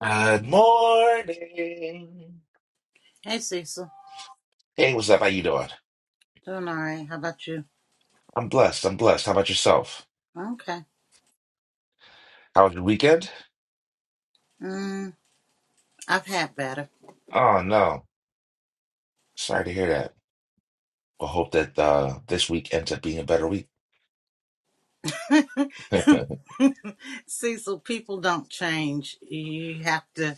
Good morning. Hey Cecil, Hey, what's up? How you doing? doing all right. How about you? I'm blessed. I'm blessed. How about yourself? Okay. How was your weekend? Mm, I've had better. Oh no. Sorry to hear that. I hope that uh, this week ends up being a better week. Cecil, people don't change. You have to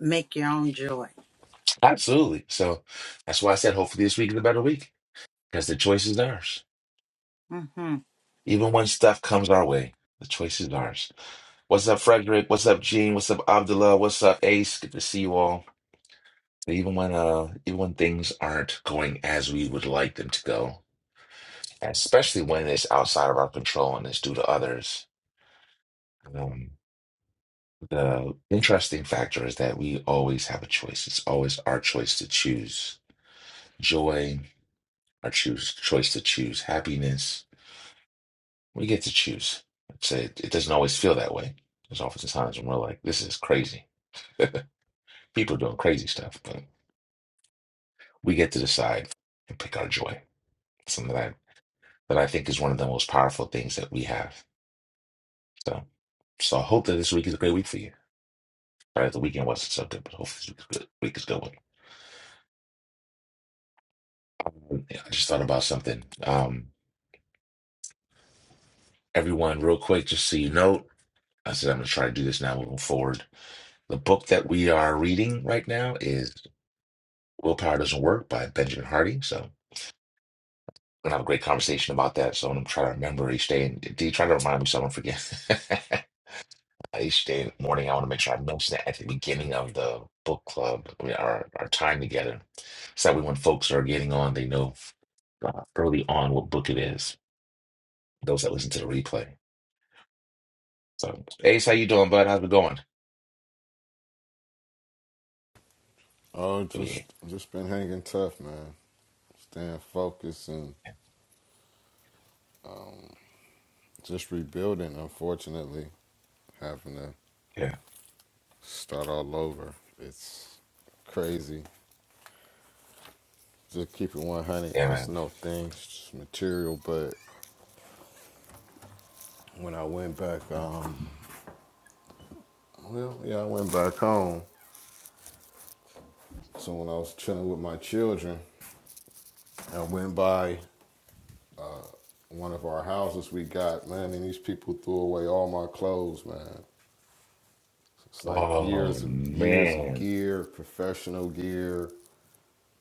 make your own joy. Absolutely. So that's why I said hopefully this week is a better week because the choice is ours. hmm Even when stuff comes our way, the choice is ours. What's up, Frederick? What's up, Gene? What's up, Abdullah? What's up, Ace? Good to see you all. Even when uh, even when things aren't going as we would like them to go, especially when it's outside of our control and it's due to others. Um, the interesting factor is that we always have a choice. It's always our choice to choose joy, our choose choice to choose happiness. We get to choose. It's a, it doesn't always feel that way. There's often times when we're like, "This is crazy." People are doing crazy stuff, but we get to decide and pick our joy. Something that I, that I think is one of the most powerful things that we have. So, so I hope that this week is a great week for you. Sorry, the weekend wasn't so good, but hopefully this week is good- week is going. Yeah, I just thought about something. Um, everyone, real quick, just so you know, I said I'm going to try to do this now moving forward. The book that we are reading right now is Willpower Doesn't Work by Benjamin Hardy. So we're going to have a great conversation about that. So I'm going to try to remember each day. And do you try to remind me so I don't forget? each day in the morning, I want to make sure I mention that at the beginning of the book club, I mean, our, our time together. So that way when folks are getting on, they know uh, early on what book it is. those that listen to the replay. So, Ace, how you doing, bud? How's it going? Oh, Oh, yeah. just just been hanging tough, man. Staying focused and um, just rebuilding. Unfortunately, having to Yeah. start all over. It's crazy. Just keep it 100. Yeah, There's man. no things, just material. But when I went back, um, well, yeah, I went back home. So when I was chilling with my children, I went by one of our houses we got, man, and these people threw away all my clothes, man. It's like Oh, years of years of man. gear, professional gear,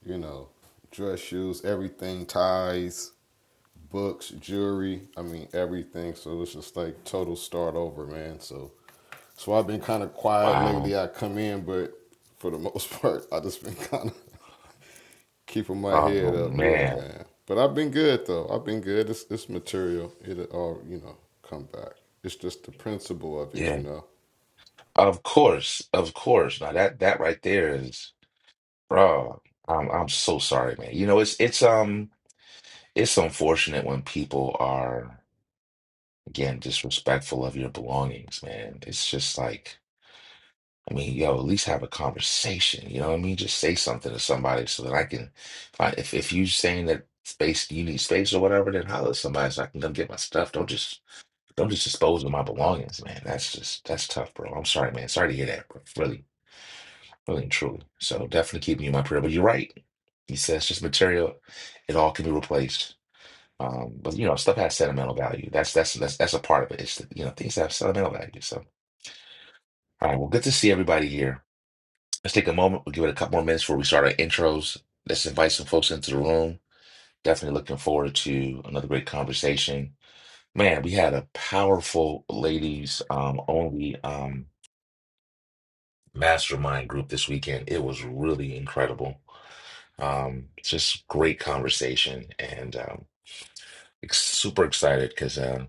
you know, dress shoes, everything, ties, books, jewelry. I mean, everything. So it's just like total start over, man. So, so I've been kind of quiet Wow. lately. I come in, but for the most part, I just been kind of keeping my Oh, head up. Yeah, man. man. But I've been good though. I've been good. It's, it's material. It'll all you know come back. It's just the principle of it, you Yeah. know. Of course. Of course. Now that, that right there is, bro, I'm, I'm so sorry, man. You know, it's, it's, um, it's unfortunate when people are, again, disrespectful of your belongings, man. It's just like, I mean, yo, at least have a conversation. You know what I mean? Just say something to somebody so that I can find. If if you saying that space, you need space or whatever, then holler at somebody so I can come get my stuff. Don't just don't just dispose of my belongings, man. That's just that's tough, bro. I'm sorry, man. Sorry to hear that, bro. Really, really and truly. So definitely keeping you in my prayer. But you're right. He says just material. It all can be replaced. Um, but you know, stuff has sentimental value. That's that's that's that's a part of it. It's the, you know things have sentimental value. So all right, well, good to see everybody here. Let's take a moment. We'll give it a couple more minutes before we start our intros. Let's invite some folks into the room. Definitely looking forward to another great conversation. Man, we had a powerful ladies um, only um, mastermind group this weekend. It was really incredible. Um, just great conversation and um, ex- super excited because uh,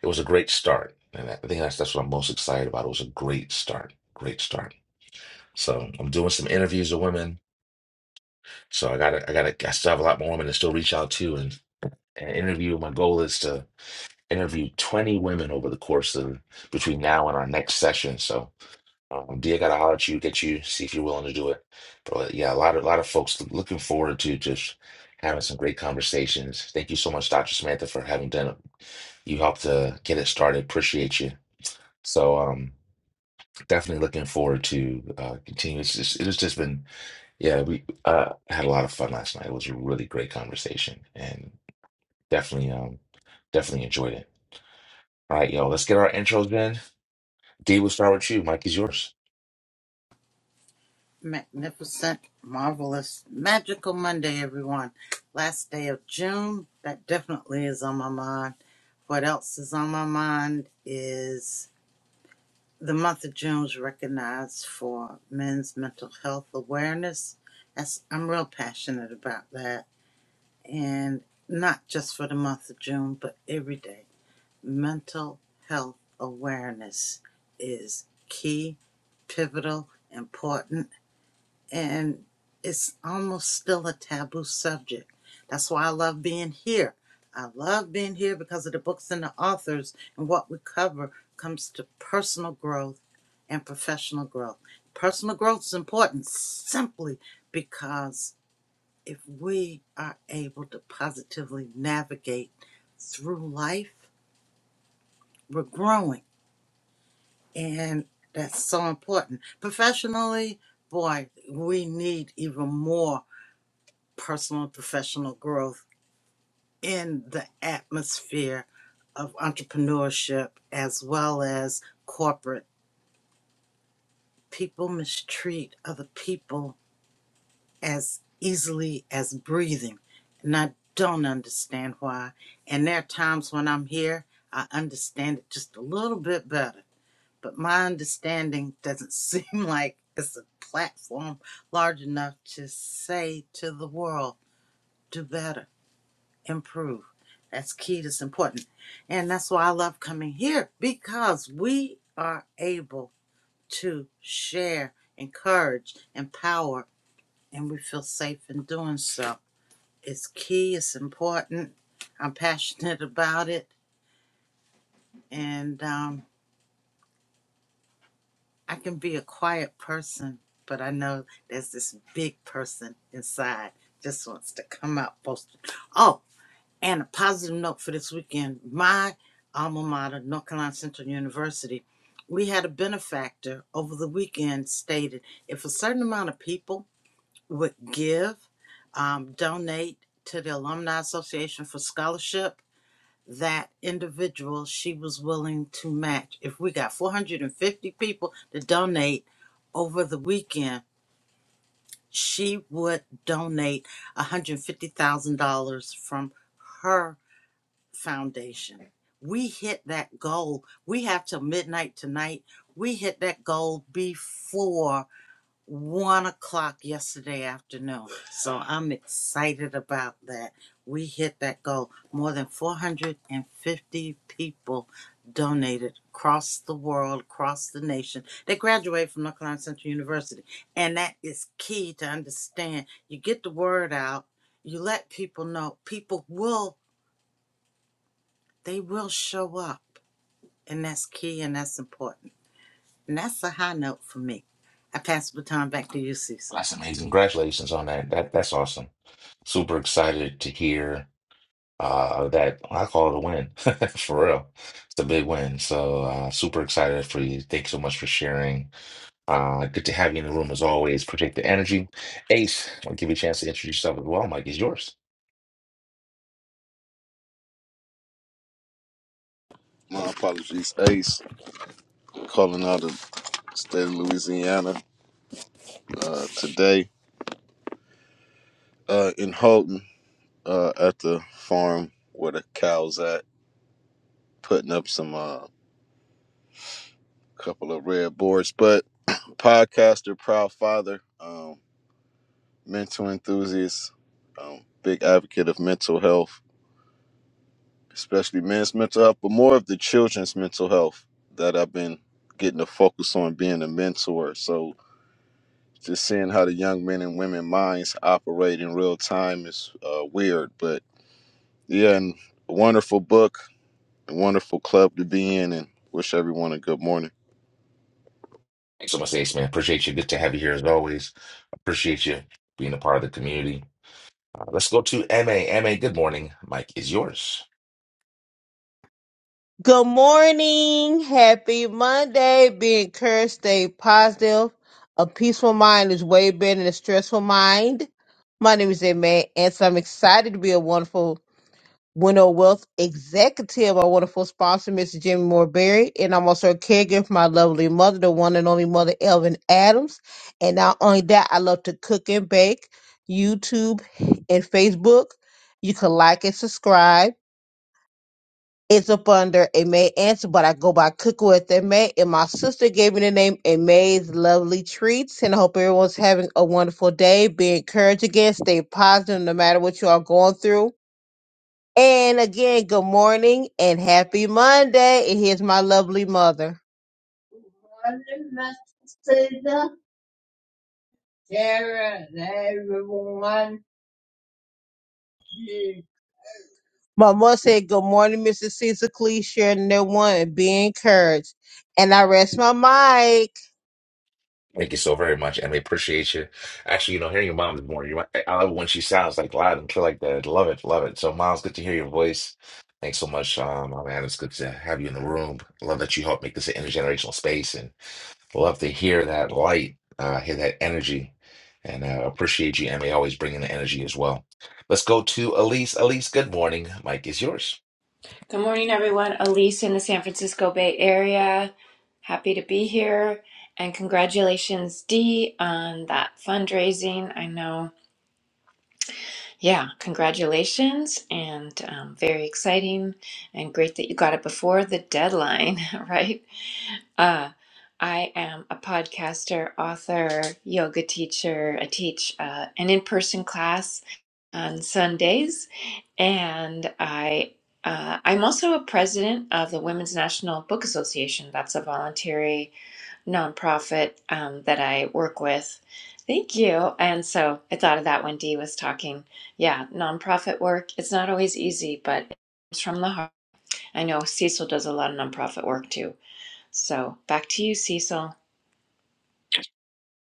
it was a great start. And I think that's, that's what I'm most excited about. It was a great start. Great start. So I'm doing some interviews with women So I gotta, I gotta, I still have a lot more women to still reach out to and, and interview. My goal is to interview 20 women over the course of between now and our next session. So, um, D, I gotta holler at you, get you, see if you're willing to do it. But yeah, a lot of, a lot of folks looking forward to just having some great conversations. Thank you so much, Dr. Samantha, for having done it. You helped to get it started. Appreciate you. So, um, definitely looking forward to uh, continuing. It's just, it has just been yeah, we uh, had a lot of fun last night. It was a really great conversation, and definitely, um, definitely enjoyed it. All right, yo, let's get our intros in. D, we'll start with you. Mike is yours. Magnificent, marvelous, magical Monday, everyone. Last day of June. That definitely is on my mind. What else is on my mind is The month of June is recognized for men's mental health awareness. That's I'm real passionate about that, and not just for the month of June, but every day. Mental health awareness is key, pivotal, important, and it's almost still a taboo subject. That's why I love being here. I love being here because of the books and the authors and what we cover comes to personal growth and professional growth. Personal growth is important simply because if we are able to positively navigate through life, we're growing. And that's so important. Professionally, boy, we need even more personal and professional growth in the atmosphere of entrepreneurship as well as corporate. People mistreat other people as easily as breathing, and I don't understand why. And there are times when I'm here, I understand it just a little bit better, but my understanding doesn't seem like it's a platform large enough to say to the world, do better improve. That's key. That's important. And that's why I love coming here because we are able to share, encourage, empower, and we feel safe in doing so. It's key. It's important. I'm passionate about it. And um, I can be a quiet person, but I know there's this big person inside just wants to come out boasting. Oh, And a positive note for this weekend my alma mater, North Carolina Central University, we had a benefactor over the weekend stated if a certain amount of people would give, um, donate to the Alumni Association for scholarship, that individual she was willing to match. If we got 450 people to donate over the weekend, she would donate $150,000 from her foundation. We hit that goal. We have till midnight tonight. We hit that goal before one o'clock yesterday afternoon. So I'm excited about that. We hit that goal. More than 450 people donated across the world, across the nation. They graduate from North Carolina Central University. And that is key to understand. You get the word out, you let people know. People will they will show up. And that's key and that's important. And that's a high note for me. I pass the baton back to you, Cecil. That's amazing. Congratulations on that. That that's awesome. Super excited to hear uh that. well, I call it a win for real. It's a big win. So uh, super excited for you. Thanks so much for sharing. Uh, good to have you in the room as always. Protect the energy. Ace, I'll give you a chance to introduce yourself as well. Mike is yours. My apologies, Ace, calling out state of Louisiana, uh, today uh, in Houghton uh, at the farm where the cows at, putting up some uh, couple of red boards. But podcaster, proud father, um, mental enthusiast, um, big advocate of mental health, especially men's mental health, but more of the children's mental health that I've been getting to focus on being a mentor. So just seeing how the young men and women minds operate in real time is uh, weird, but Yeah, and wonderful book, wonderful club to be in, and wish everyone a good morning. Thanks so much, Ace, man. Appreciate you. Good to have you here as always. Appreciate you being a part of the community. Uh, let's go to M A M A. good morning. Mike is yours. Good morning. Happy Monday. Be encouraged. Stay positive. A peaceful mind is way better than a stressful mind. My name is Amen, and so I'm excited to be a wonderful Window Wealth executive, our wonderful sponsor, Mr. Jimmy Moore Berry, and I'm also a caregiver for my lovely mother, the one and only mother, Elvin Adams. And not only that, I love to cook and bake, YouTube and Facebook. You can like and subscribe. It's up under a May answer, but I go by Cooking with a May. And my sister gave me the name A May's Lovely Treats. And I hope everyone's having a wonderful day. Be encouraged again. Stay positive no matter what you are going through. And again, good morning and happy Monday. And here's my lovely mother. Good morning, Mr. Sarah, everyone. My mother said, Good morning, Mrs. Caesar Cleese, sharing their one and be encouraged. And I rest my mic. Thank you so very much, and we appreciate you. Actually, you know, hearing your mom this morning, you might, I I love it when she sounds like loud and clear like that. Love it, love it. So, Miles, good to hear your voice. Thanks so much, um, my man. It's good to have you in the room. Love that you helped make this an intergenerational space, and love to hear that light, uh, hear that energy, and uh, appreciate you, and we always bring in the energy as well. Let's go to Elise. Elise, good morning. Mike is yours. Good morning, everyone. Elise in the San Francisco Bay Area. Happy to be here. And congratulations, Dee, on that fundraising. I know, yeah, congratulations and um, very exciting and great that you got it before the deadline, right? Uh, I am a podcaster, author, yoga teacher. I teach uh, an in person class on Sundays, and I uh, I'm also a president of the Women's National Book Association. That's a voluntary nonprofit um, that I work with. Thank you. And so I thought of that when Dee was talking. Yeah, nonprofit work. It's not always easy, but it's from the heart. I know Cecil does a lot of nonprofit work too. So back to you, Cecil.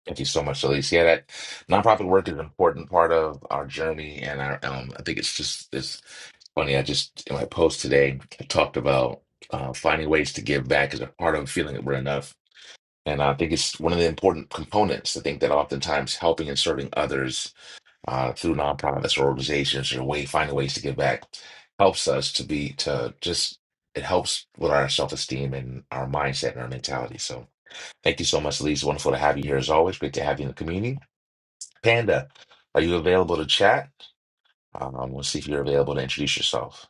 Thank you so much, Elise. Yeah, that nonprofit work is an important part of our journey, and our um, I think it's just this. Funny, I just in my post today I talked about uh, finding ways to give back is a part of feeling that we're enough, and I think it's one of the important components. I think that oftentimes helping and serving others uh, through nonprofits or organizations or way finding ways to give back helps us to be to just it helps with our self esteem and our mindset and our mentality. So thank you so much, Elise. Wonderful to have you here as always. Great to have you in the community. Panda, are you available to chat? Um, we'll see if you're available to introduce yourself.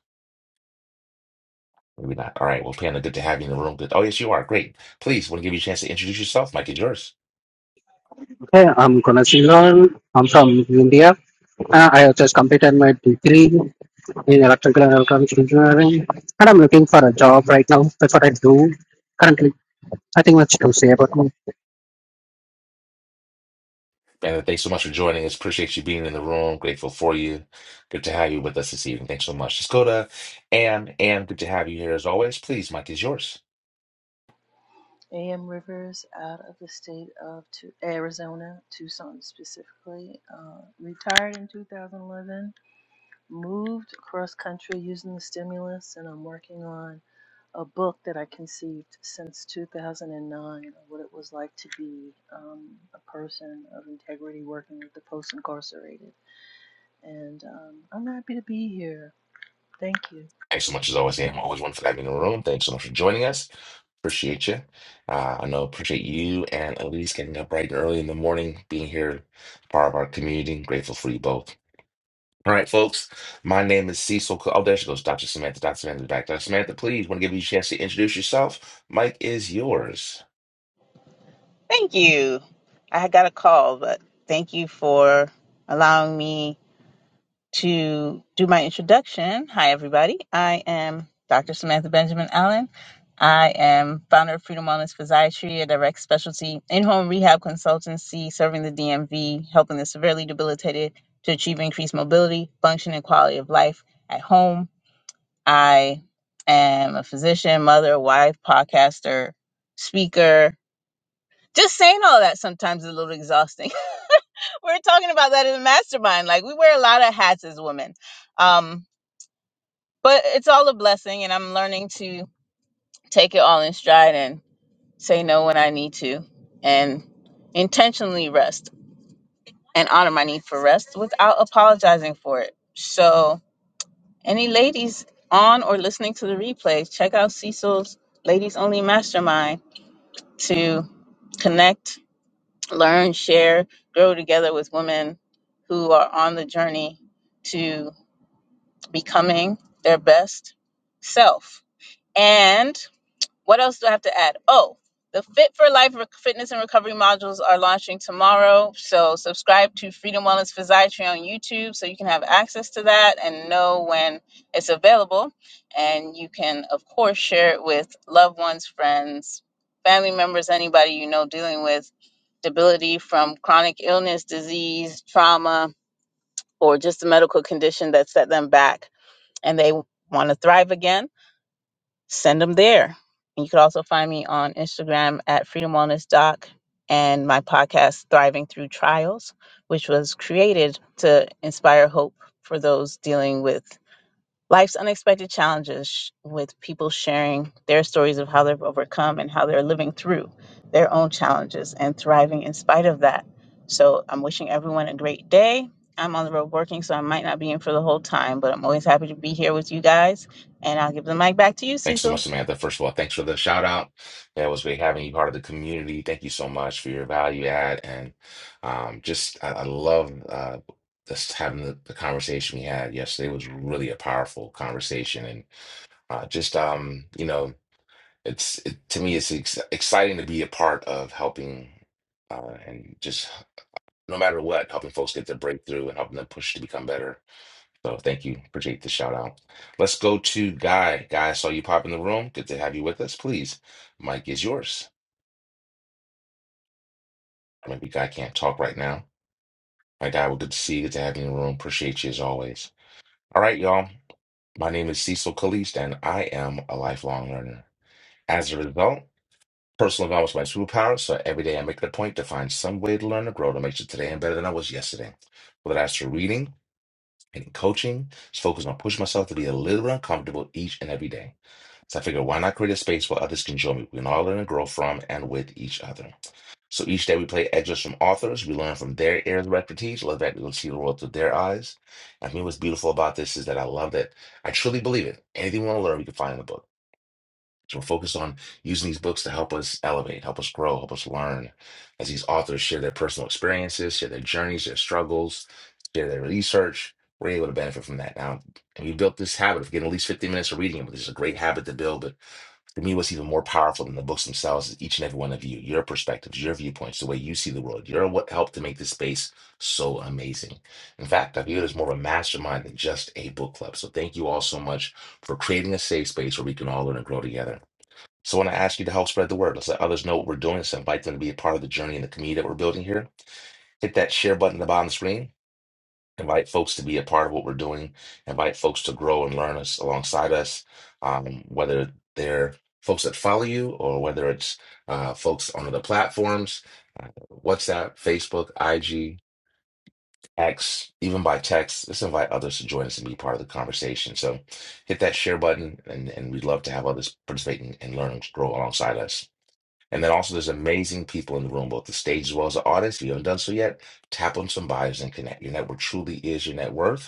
Maybe not. All right. Well, Panda, good to have you in the room. Good. Oh, yes, you are. Great. Please, want to give you a chance to introduce yourself. Mike is yours. Hey, I'm Kunal Singhal. I'm from India. Uh, I have just completed my degree in electrical and electronics engineering, and I'm looking for a job right now. That's what I do currently. Nothing much to say about me. Panda, thanks so much for joining us. Appreciate you being in the room. Grateful for you. Good to have you with us this evening. Thanks so much. Let's go to Ann. Ann, good to have you here as always. Please, Mike is yours. A.M. Rivers out of the state of Tu- Arizona, Tucson specifically, uh, retired in 2011, moved across country using the stimulus, and I'm working on a book that I conceived since 2009 of what it was like to be um, a person of integrity working with the post incarcerated. And um, I'm happy to be here. Thank you. Thanks so much as always, Ann. Always one for having you in the room. Thanks so much for joining us. Appreciate you. Uh, I know appreciate you and Elise getting up bright and early in the morning, being here, part of our community. Grateful for you both. All right, folks. My name is Cecil. Co- Oh, there she goes, Dr. Samantha. Dr. Samantha's back. Dr. Samantha, please, want to give you a chance to introduce yourself. Mike is yours. Thank you. I had got a call, but thank you for allowing me to do my introduction. Hi, everybody. I am Dr. Samantha Benjamin Allen. I am founder of Freedom Wellness Physiatry, a direct specialty in home rehab consultancy serving the DMV, helping the severely debilitated to achieve increased mobility, function, and quality of life at home. I am a physician, mother, wife, podcaster, speaker, just saying all that sometimes is a little exhausting. we are talking about that in the mastermind. Like we wear a lot of hats as women. Um, but it's all a blessing and I'm learning to take it all in stride and say no when I need to and intentionally rest and honor my need for rest without apologizing for it. So any ladies on or listening to the replay, check out Cecil's Ladies Only Mastermind to connect learn, share, grow together with women who are on the journey to becoming their best self. And what else do I have to add? Oh, the Fit for Life Re- Fitness and Recovery modules are launching tomorrow. So subscribe to Freedom Wellness Physiatry on YouTube so you can have access to that and know when it's available. And you can, of course, share it with loved ones, friends, family members, anybody you know dealing with debility from chronic illness, disease, trauma, or just a medical condition that set them back and they want to thrive again send them there. And you could also find me on Instagram at Freedom Wellness Doc and my podcast, Thriving Through Trials, which was created to inspire hope for those dealing with life's unexpected challenges, sh- with people sharing their stories of how they've overcome and how they're living through their own challenges and thriving in spite of that. So I'm wishing everyone a great day. I'm on the road working, so I might not be in for the whole time, but I'm always happy to be here with you guys. And I'll give the mic back to you, Thanks so Cecil. much, Samantha. First of all, thanks for the shout out. Yeah, it was great having you part of the community. Thank you so much for your value add. And um, just, I, I love uh, just having the, the conversation we had yesterday. It was really a powerful conversation. And uh, just, um, you know, it's it, to me, it's ex exciting to be a part of helping uh, and just no matter what, helping folks get their breakthrough and helping them push to become better. So thank you. Appreciate the shout out. Let's go to Guy. Guy, I saw you pop in the room. Good to have you with us. Please, mic is yours. Maybe Guy can't talk right now. My guy, well, good to see you. Good to have you in the room. Appreciate you as always. All right, y'all. My name is Cecil Kalist, and I am a lifelong learner. As a result, personal development is my superpower. So every day I make it a point to find some way to learn and grow to make sure today I'm better than I was yesterday. Whether that's through reading, and coaching. Just focused on pushing myself to be a little bit uncomfortable each and every day. So I figured, why not create a space where others can join me? We can all learn and grow from and with each other. So each day we play excerpts from authors. We learn from their areas of expertise. Love that we'll see the world through their eyes. And for me, what's beautiful about this is that I love that. I truly believe it. Anything we want to learn, we can find in a book. So we're focused on using these books to help us elevate, help us grow, help us learn as these authors share their personal experiences, share their journeys, their struggles, share their research. We're able to benefit from that now. And we built this habit of getting at least 15 minutes of reading, which is a great habit to build. But to me, what's even more powerful than the books themselves is each and every one of you, your perspectives, your viewpoints, the way you see the world. You're what helped to make this space so amazing. In fact, I view it as more of a mastermind than just a book club. So thank you all so much for creating a safe space where we can all learn and grow together. So when I ask you to help spread the word, let's let others know what we're doing. Let's invite them to be a part of the journey and the community that we're building here. Hit that share button at the bottom of the screen. Invite folks to be a part of what we're doing. Invite folks to grow and learn us alongside us, um, whether they're folks that follow you or whether it's uh, folks on other platforms, uh, WhatsApp, Facebook, IG, X, even by text. Let's invite others to join us and be part of the conversation. So hit that share button, and, and we'd love to have others participate and, and learn and grow alongside us. And then also, there's amazing people in the room, both the stage as well as the audience. If you haven't done so yet, tap on some bios and connect. Your network truly is your net worth.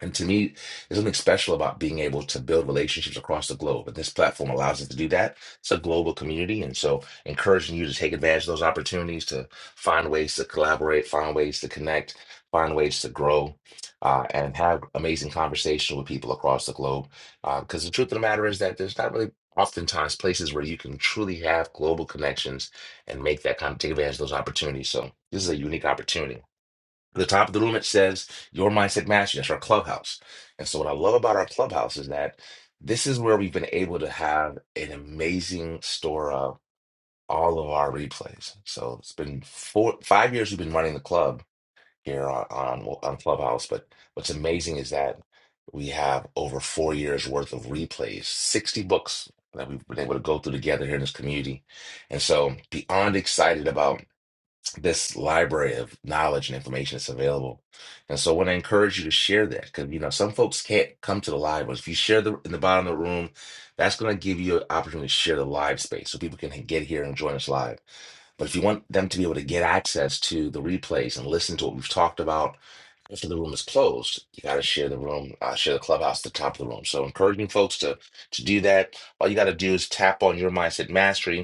And to me, there's something special about being able to build relationships across the globe. And this platform allows us to do that. It's a global community. And so, encouraging you to take advantage of those opportunities to find ways to collaborate, find ways to connect, find ways to grow, uh, and have amazing conversations with people across the globe. Because the truth of the matter is that there's not really oftentimes places where you can truly have global connections and make that kind of take advantage of those opportunities. So, this is a unique opportunity. At the top of the room it says your mindset mastery that's our clubhouse and so what i love about our clubhouse is that this is where we've been able to have an amazing store of all of our replays so it's been four five years we've been running the club here on on, on clubhouse but what's amazing is that we have over four years worth of replays 60 books that we've been able to go through together here in this community and so beyond excited about this library of knowledge and information that's available. And so I want to encourage you to share that because you know some folks can't come to the live, but if you share the in the bottom of the room, that's going to give you an opportunity to share the live space so people can get here and join us live. But if you want them to be able to get access to the replays and listen to what we've talked about after the room is closed, you got to share the room, uh, share the clubhouse at the top of the room. So encouraging folks to to do that. All you got to do is tap on your mindset mastery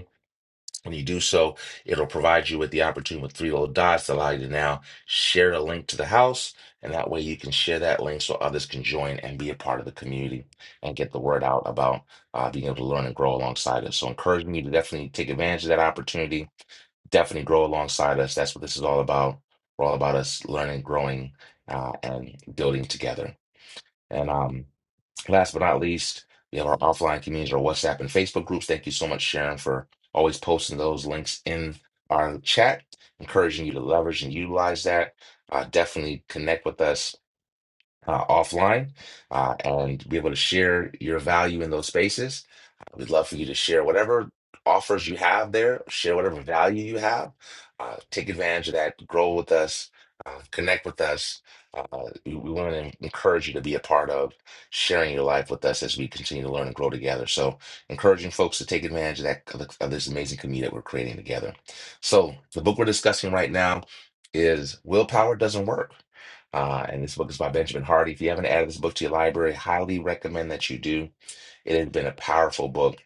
when you do so, it'll provide you with the opportunity with three little dots to allow you to now share a link to the house. And that way you can share that link so others can join and be a part of the community and get the word out about uh, being able to learn and grow alongside us. So encouraging you to definitely take advantage of that opportunity, definitely grow alongside us. That's what this is all about. We're all about us learning, growing, uh, and building together. And um, Last but not least, we have our offline communities, our WhatsApp and Facebook groups. Thank you so much, Sharon, for always posting those links in our chat, encouraging you to leverage and utilize that. Uh, definitely connect with us uh, offline uh, and be able to share your value in those spaces. Uh, We'd love for you to share whatever offers you have there, share whatever value you have. Uh, take advantage of that, grow with us, uh, connect with us. Uh, we we want to encourage you to be a part of sharing your life with us as we continue to learn and grow together. So, encouraging folks to take advantage of that of the- of this amazing community that we're creating together. So, the book we're discussing right now is "Willpower Doesn't Work." Uh, and this book is by Benjamin Hardy. If you haven't added this book to your library, highly recommend that you do. It has been a powerful book,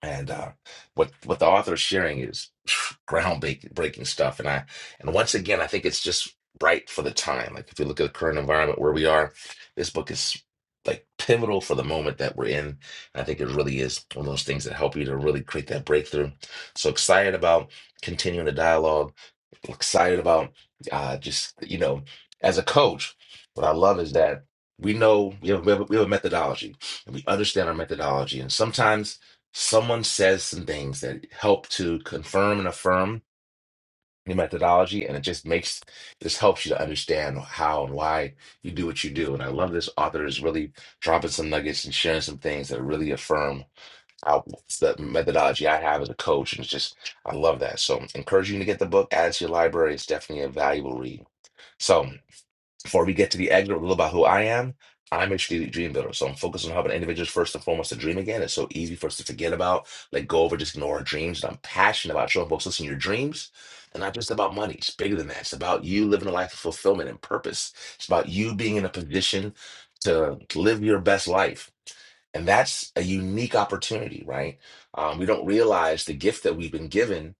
and uh, what what the author is sharing is groundbreaking stuff. And I and once again, I think it's just right for the time. Like if you look at the current environment where we are, this book is like pivotal for the moment that we're in. And I think it really is one of those things that help you to really create that breakthrough. So excited about continuing the dialogue excited about uh, just you know as a coach what i love is that we know we have, we have we have a methodology and we understand our methodology and sometimes someone says some things that help to confirm and affirm your methodology and it just makes this helps you to understand how and why you do what you do and i love this author is really dropping some nuggets and sharing some things that really affirm how it's the methodology I have as a coach, and it's just I love that. So encourage you to get the book, add it to your library. It's definitely a valuable read. So before we get to the exit a little about who I am, I'm a strategic dream builder. So I'm focused on helping individuals first and foremost to dream again. It's so easy for us to forget about, let go of, or just ignore our dreams. And I'm passionate about showing folks, listen, your dreams are not just about money. It's bigger than that. It's about you living a life of fulfillment and purpose. It's about you being in a position to live your best life. And that's a unique opportunity, right? Um, we don't realize the gift that we've been given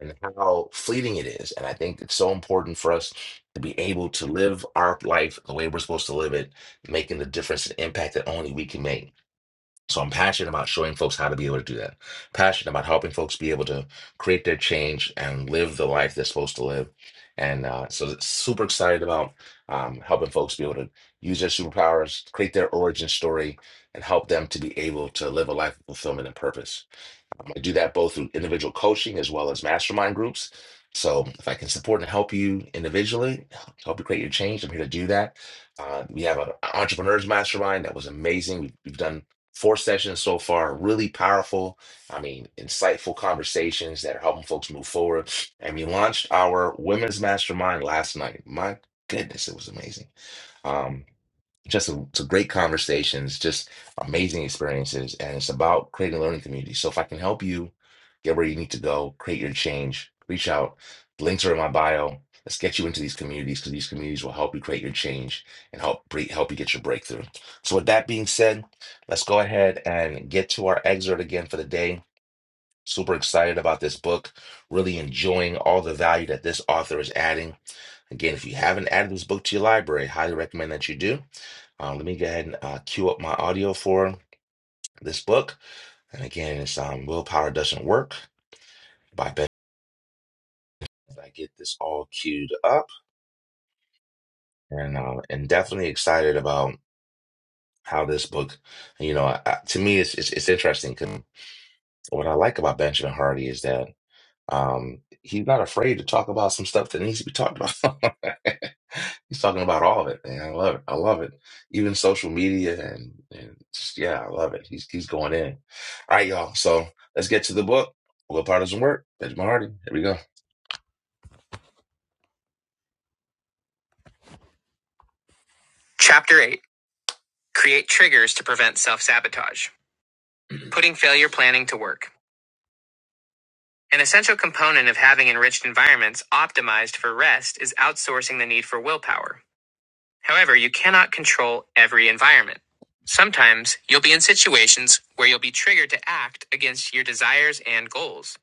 and how fleeting it is. And I think it's so important for us to be able to live our life the way we're supposed to live it, making the difference and impact that only we can make. So I'm passionate about showing folks how to be able to do that. Passionate about helping folks be able to create their change and live the life they're supposed to live. And uh, so super excited about um, helping folks be able to use their superpowers, create their origin story, and help them to be able to live a life of fulfillment and purpose. I do that both through individual coaching as well as mastermind groups. So if I can support and help you individually, help you create your change, I'm here to do that. Uh, we have an entrepreneurs mastermind that was amazing. We've, we've done four sessions so far, really powerful. I mean, insightful conversations that are helping folks move forward. And we launched our women's mastermind last night. My goodness, it was amazing. Um, just some, some great conversations, just amazing experiences. And it's about creating a learning community. So if I can help you get where you need to go, create your change, reach out. The Links are in my bio. Let's get you into these communities because these communities will help you create your change and help bre- help you get your breakthrough. So with that being said, let's go ahead and get to our excerpt again for the day. Super excited about this book, really enjoying all the value that this author is adding. Again, if you haven't added this book to your library, highly recommend that you do. Uh, let me go ahead and uh, queue up my audio for this book. And again, it's um, Willpower Doesn't Work by Ben. I get this all queued up and uh, and definitely excited about how this book, you know, I, I- to me, it's, it's, it's interesting. 'cause what I like about Benjamin Hardy is that Um, he's not afraid to talk about some stuff that needs to be talked about. he's talking about all of it, man. I love it. I love it. Even social media and, and just, yeah, I love it. He's he's going in. All right, y'all. So let's get to the book. Willpower doesn't work. Benjamin Hardy. Here we go. Chapter eight: Create triggers to prevent self-sabotage. Putting failure planning to work. An essential component of having enriched environments optimized for rest is outsourcing the need for willpower. However, you cannot control every environment. Sometimes you'll be in situations where you'll be triggered to act against your desires and goals.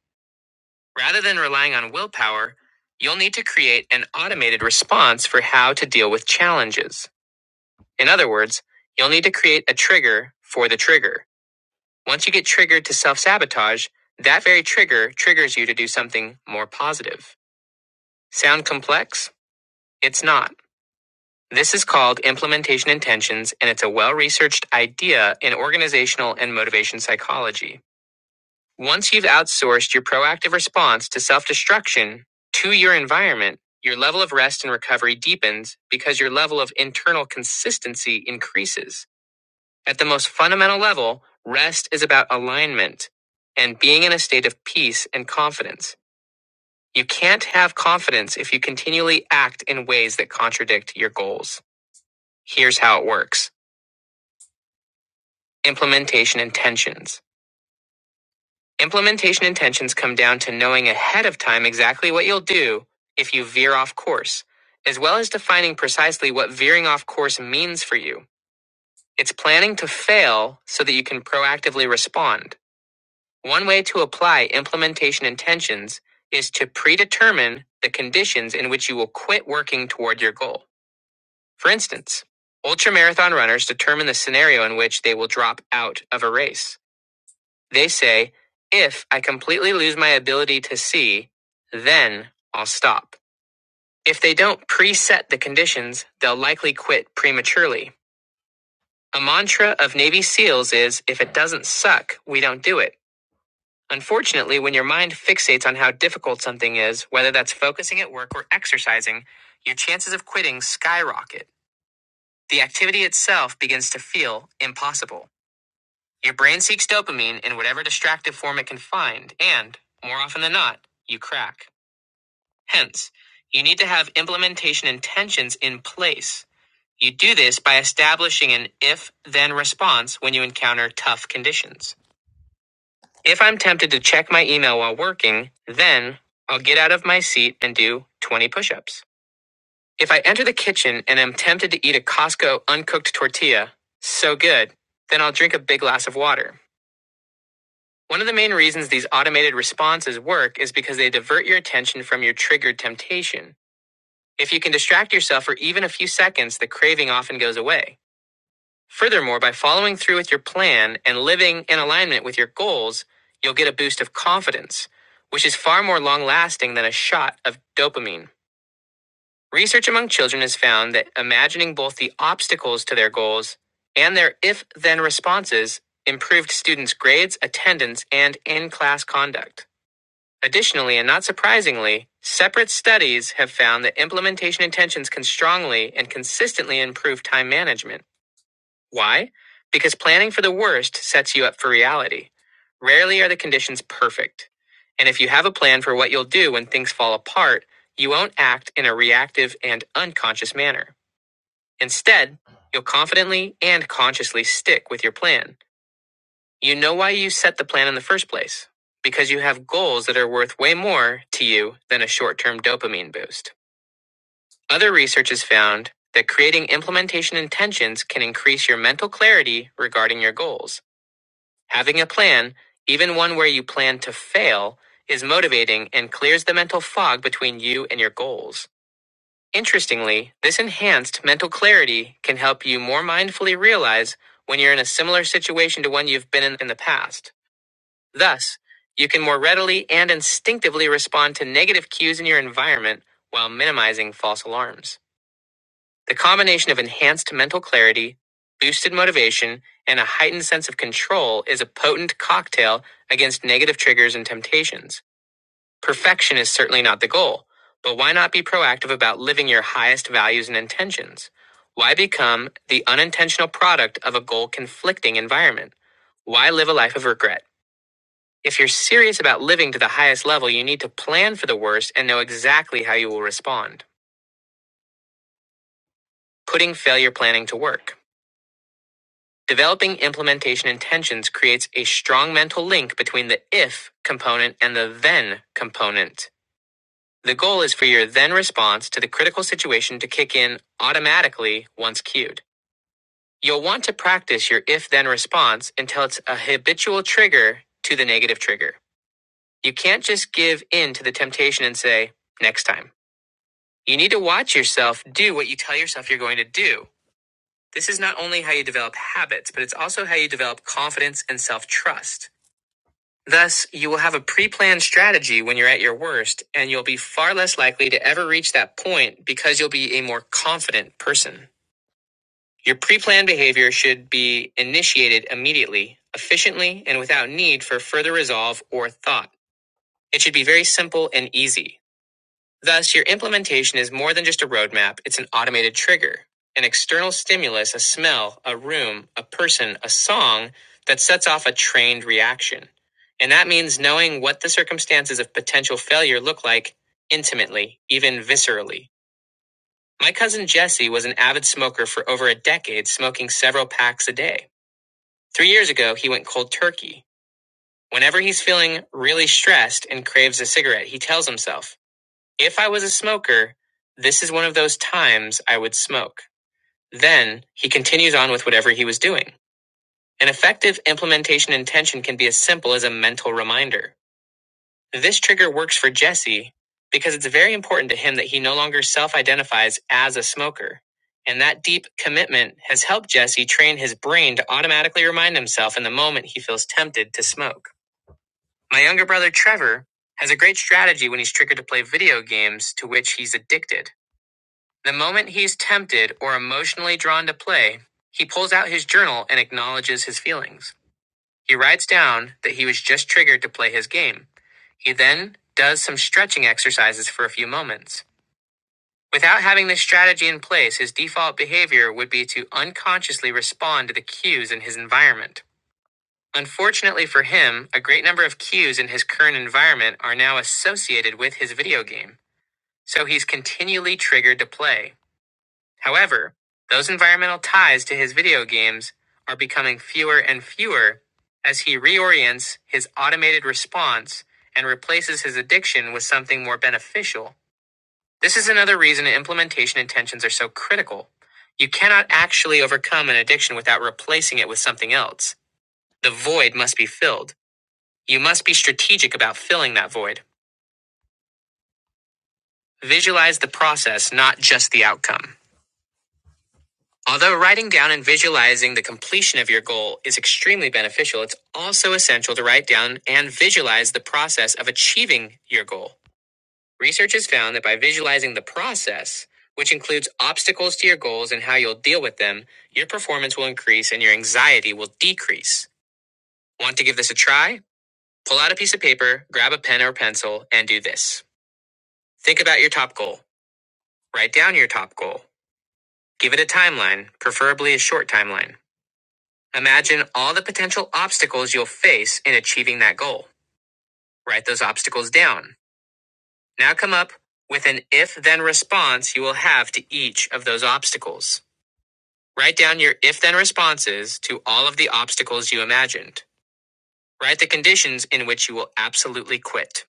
Rather than relying on willpower, you'll need to create an automated response for how to deal with challenges. In other words, you'll need to create a trigger for the trigger. Once you get triggered to self sabotage, that very trigger triggers you to do something more positive. Sound complex? It's not. This is called implementation intentions, and it's a well researched idea in organizational and motivation psychology. Once you've outsourced your proactive response to self destruction to your environment, your level of rest and recovery deepens because your level of internal consistency increases. At the most fundamental level, rest is about alignment and being in a state of peace and confidence. You can't have confidence if you continually act in ways that contradict your goals. Here's how it works. Implementation intentions. Implementation intentions come down to knowing ahead of time exactly what you'll do if you veer off course, as well as defining precisely what veering off course means for you. It's planning to fail so that you can proactively respond. One way to apply implementation intentions is to predetermine the conditions in which you will quit working toward your goal. For instance, ultramarathon runners determine the scenario in which they will drop out of a race. They say, if I completely lose my ability to see, then I'll stop. If they don't preset the conditions, they'll likely quit prematurely. A mantra of Navy SEALs is if it doesn't suck, we don't do it. Unfortunately, when your mind fixates on how difficult something is, whether that's focusing at work or exercising, your chances of quitting skyrocket. The activity itself begins to feel impossible. Your brain seeks dopamine in whatever distractive form it can find, and, more often than not, you crack. Hence, you need to have implementation intentions in place. You do this by establishing an if then response when you encounter tough conditions. If I'm tempted to check my email while working, then I'll get out of my seat and do 20 push ups. If I enter the kitchen and am tempted to eat a Costco uncooked tortilla, so good, then I'll drink a big glass of water. One of the main reasons these automated responses work is because they divert your attention from your triggered temptation. If you can distract yourself for even a few seconds, the craving often goes away. Furthermore, by following through with your plan and living in alignment with your goals, you'll get a boost of confidence, which is far more long lasting than a shot of dopamine. Research among children has found that imagining both the obstacles to their goals and their if then responses improved students' grades, attendance, and in class conduct. Additionally, and not surprisingly, separate studies have found that implementation intentions can strongly and consistently improve time management. Why? Because planning for the worst sets you up for reality. Rarely are the conditions perfect. And if you have a plan for what you'll do when things fall apart, you won't act in a reactive and unconscious manner. Instead, you'll confidently and consciously stick with your plan. You know why you set the plan in the first place. Because you have goals that are worth way more to you than a short term dopamine boost. Other research has found that creating implementation intentions can increase your mental clarity regarding your goals. Having a plan, even one where you plan to fail, is motivating and clears the mental fog between you and your goals. Interestingly, this enhanced mental clarity can help you more mindfully realize when you're in a similar situation to one you've been in in the past. Thus, you can more readily and instinctively respond to negative cues in your environment while minimizing false alarms. The combination of enhanced mental clarity, boosted motivation, and a heightened sense of control is a potent cocktail against negative triggers and temptations. Perfection is certainly not the goal, but why not be proactive about living your highest values and intentions? Why become the unintentional product of a goal conflicting environment? Why live a life of regret? If you're serious about living to the highest level, you need to plan for the worst and know exactly how you will respond. Putting failure planning to work. Developing implementation intentions creates a strong mental link between the if component and the then component. The goal is for your then response to the critical situation to kick in automatically once cued. You'll want to practice your if then response until it's a habitual trigger to the negative trigger. You can't just give in to the temptation and say, next time. You need to watch yourself do what you tell yourself you're going to do. This is not only how you develop habits, but it's also how you develop confidence and self trust. Thus, you will have a pre planned strategy when you're at your worst, and you'll be far less likely to ever reach that point because you'll be a more confident person. Your pre planned behavior should be initiated immediately, efficiently, and without need for further resolve or thought. It should be very simple and easy. Thus, your implementation is more than just a roadmap, it's an automated trigger, an external stimulus, a smell, a room, a person, a song that sets off a trained reaction. And that means knowing what the circumstances of potential failure look like intimately, even viscerally. My cousin Jesse was an avid smoker for over a decade, smoking several packs a day. Three years ago, he went cold turkey. Whenever he's feeling really stressed and craves a cigarette, he tells himself, if I was a smoker, this is one of those times I would smoke. Then he continues on with whatever he was doing. An effective implementation intention can be as simple as a mental reminder. This trigger works for Jesse because it's very important to him that he no longer self identifies as a smoker. And that deep commitment has helped Jesse train his brain to automatically remind himself in the moment he feels tempted to smoke. My younger brother Trevor has a great strategy when he's triggered to play video games to which he's addicted. The moment he's tempted or emotionally drawn to play, he pulls out his journal and acknowledges his feelings. He writes down that he was just triggered to play his game. He then does some stretching exercises for a few moments. Without having this strategy in place, his default behavior would be to unconsciously respond to the cues in his environment. Unfortunately for him, a great number of cues in his current environment are now associated with his video game, so he's continually triggered to play. However, those environmental ties to his video games are becoming fewer and fewer as he reorients his automated response and replaces his addiction with something more beneficial. This is another reason implementation intentions are so critical. You cannot actually overcome an addiction without replacing it with something else. The void must be filled. You must be strategic about filling that void. Visualize the process, not just the outcome. Although writing down and visualizing the completion of your goal is extremely beneficial, it's also essential to write down and visualize the process of achieving your goal. Research has found that by visualizing the process, which includes obstacles to your goals and how you'll deal with them, your performance will increase and your anxiety will decrease. Want to give this a try? Pull out a piece of paper, grab a pen or pencil, and do this. Think about your top goal. Write down your top goal. Give it a timeline, preferably a short timeline. Imagine all the potential obstacles you'll face in achieving that goal. Write those obstacles down. Now come up with an if then response you will have to each of those obstacles. Write down your if then responses to all of the obstacles you imagined. Write the conditions in which you will absolutely quit.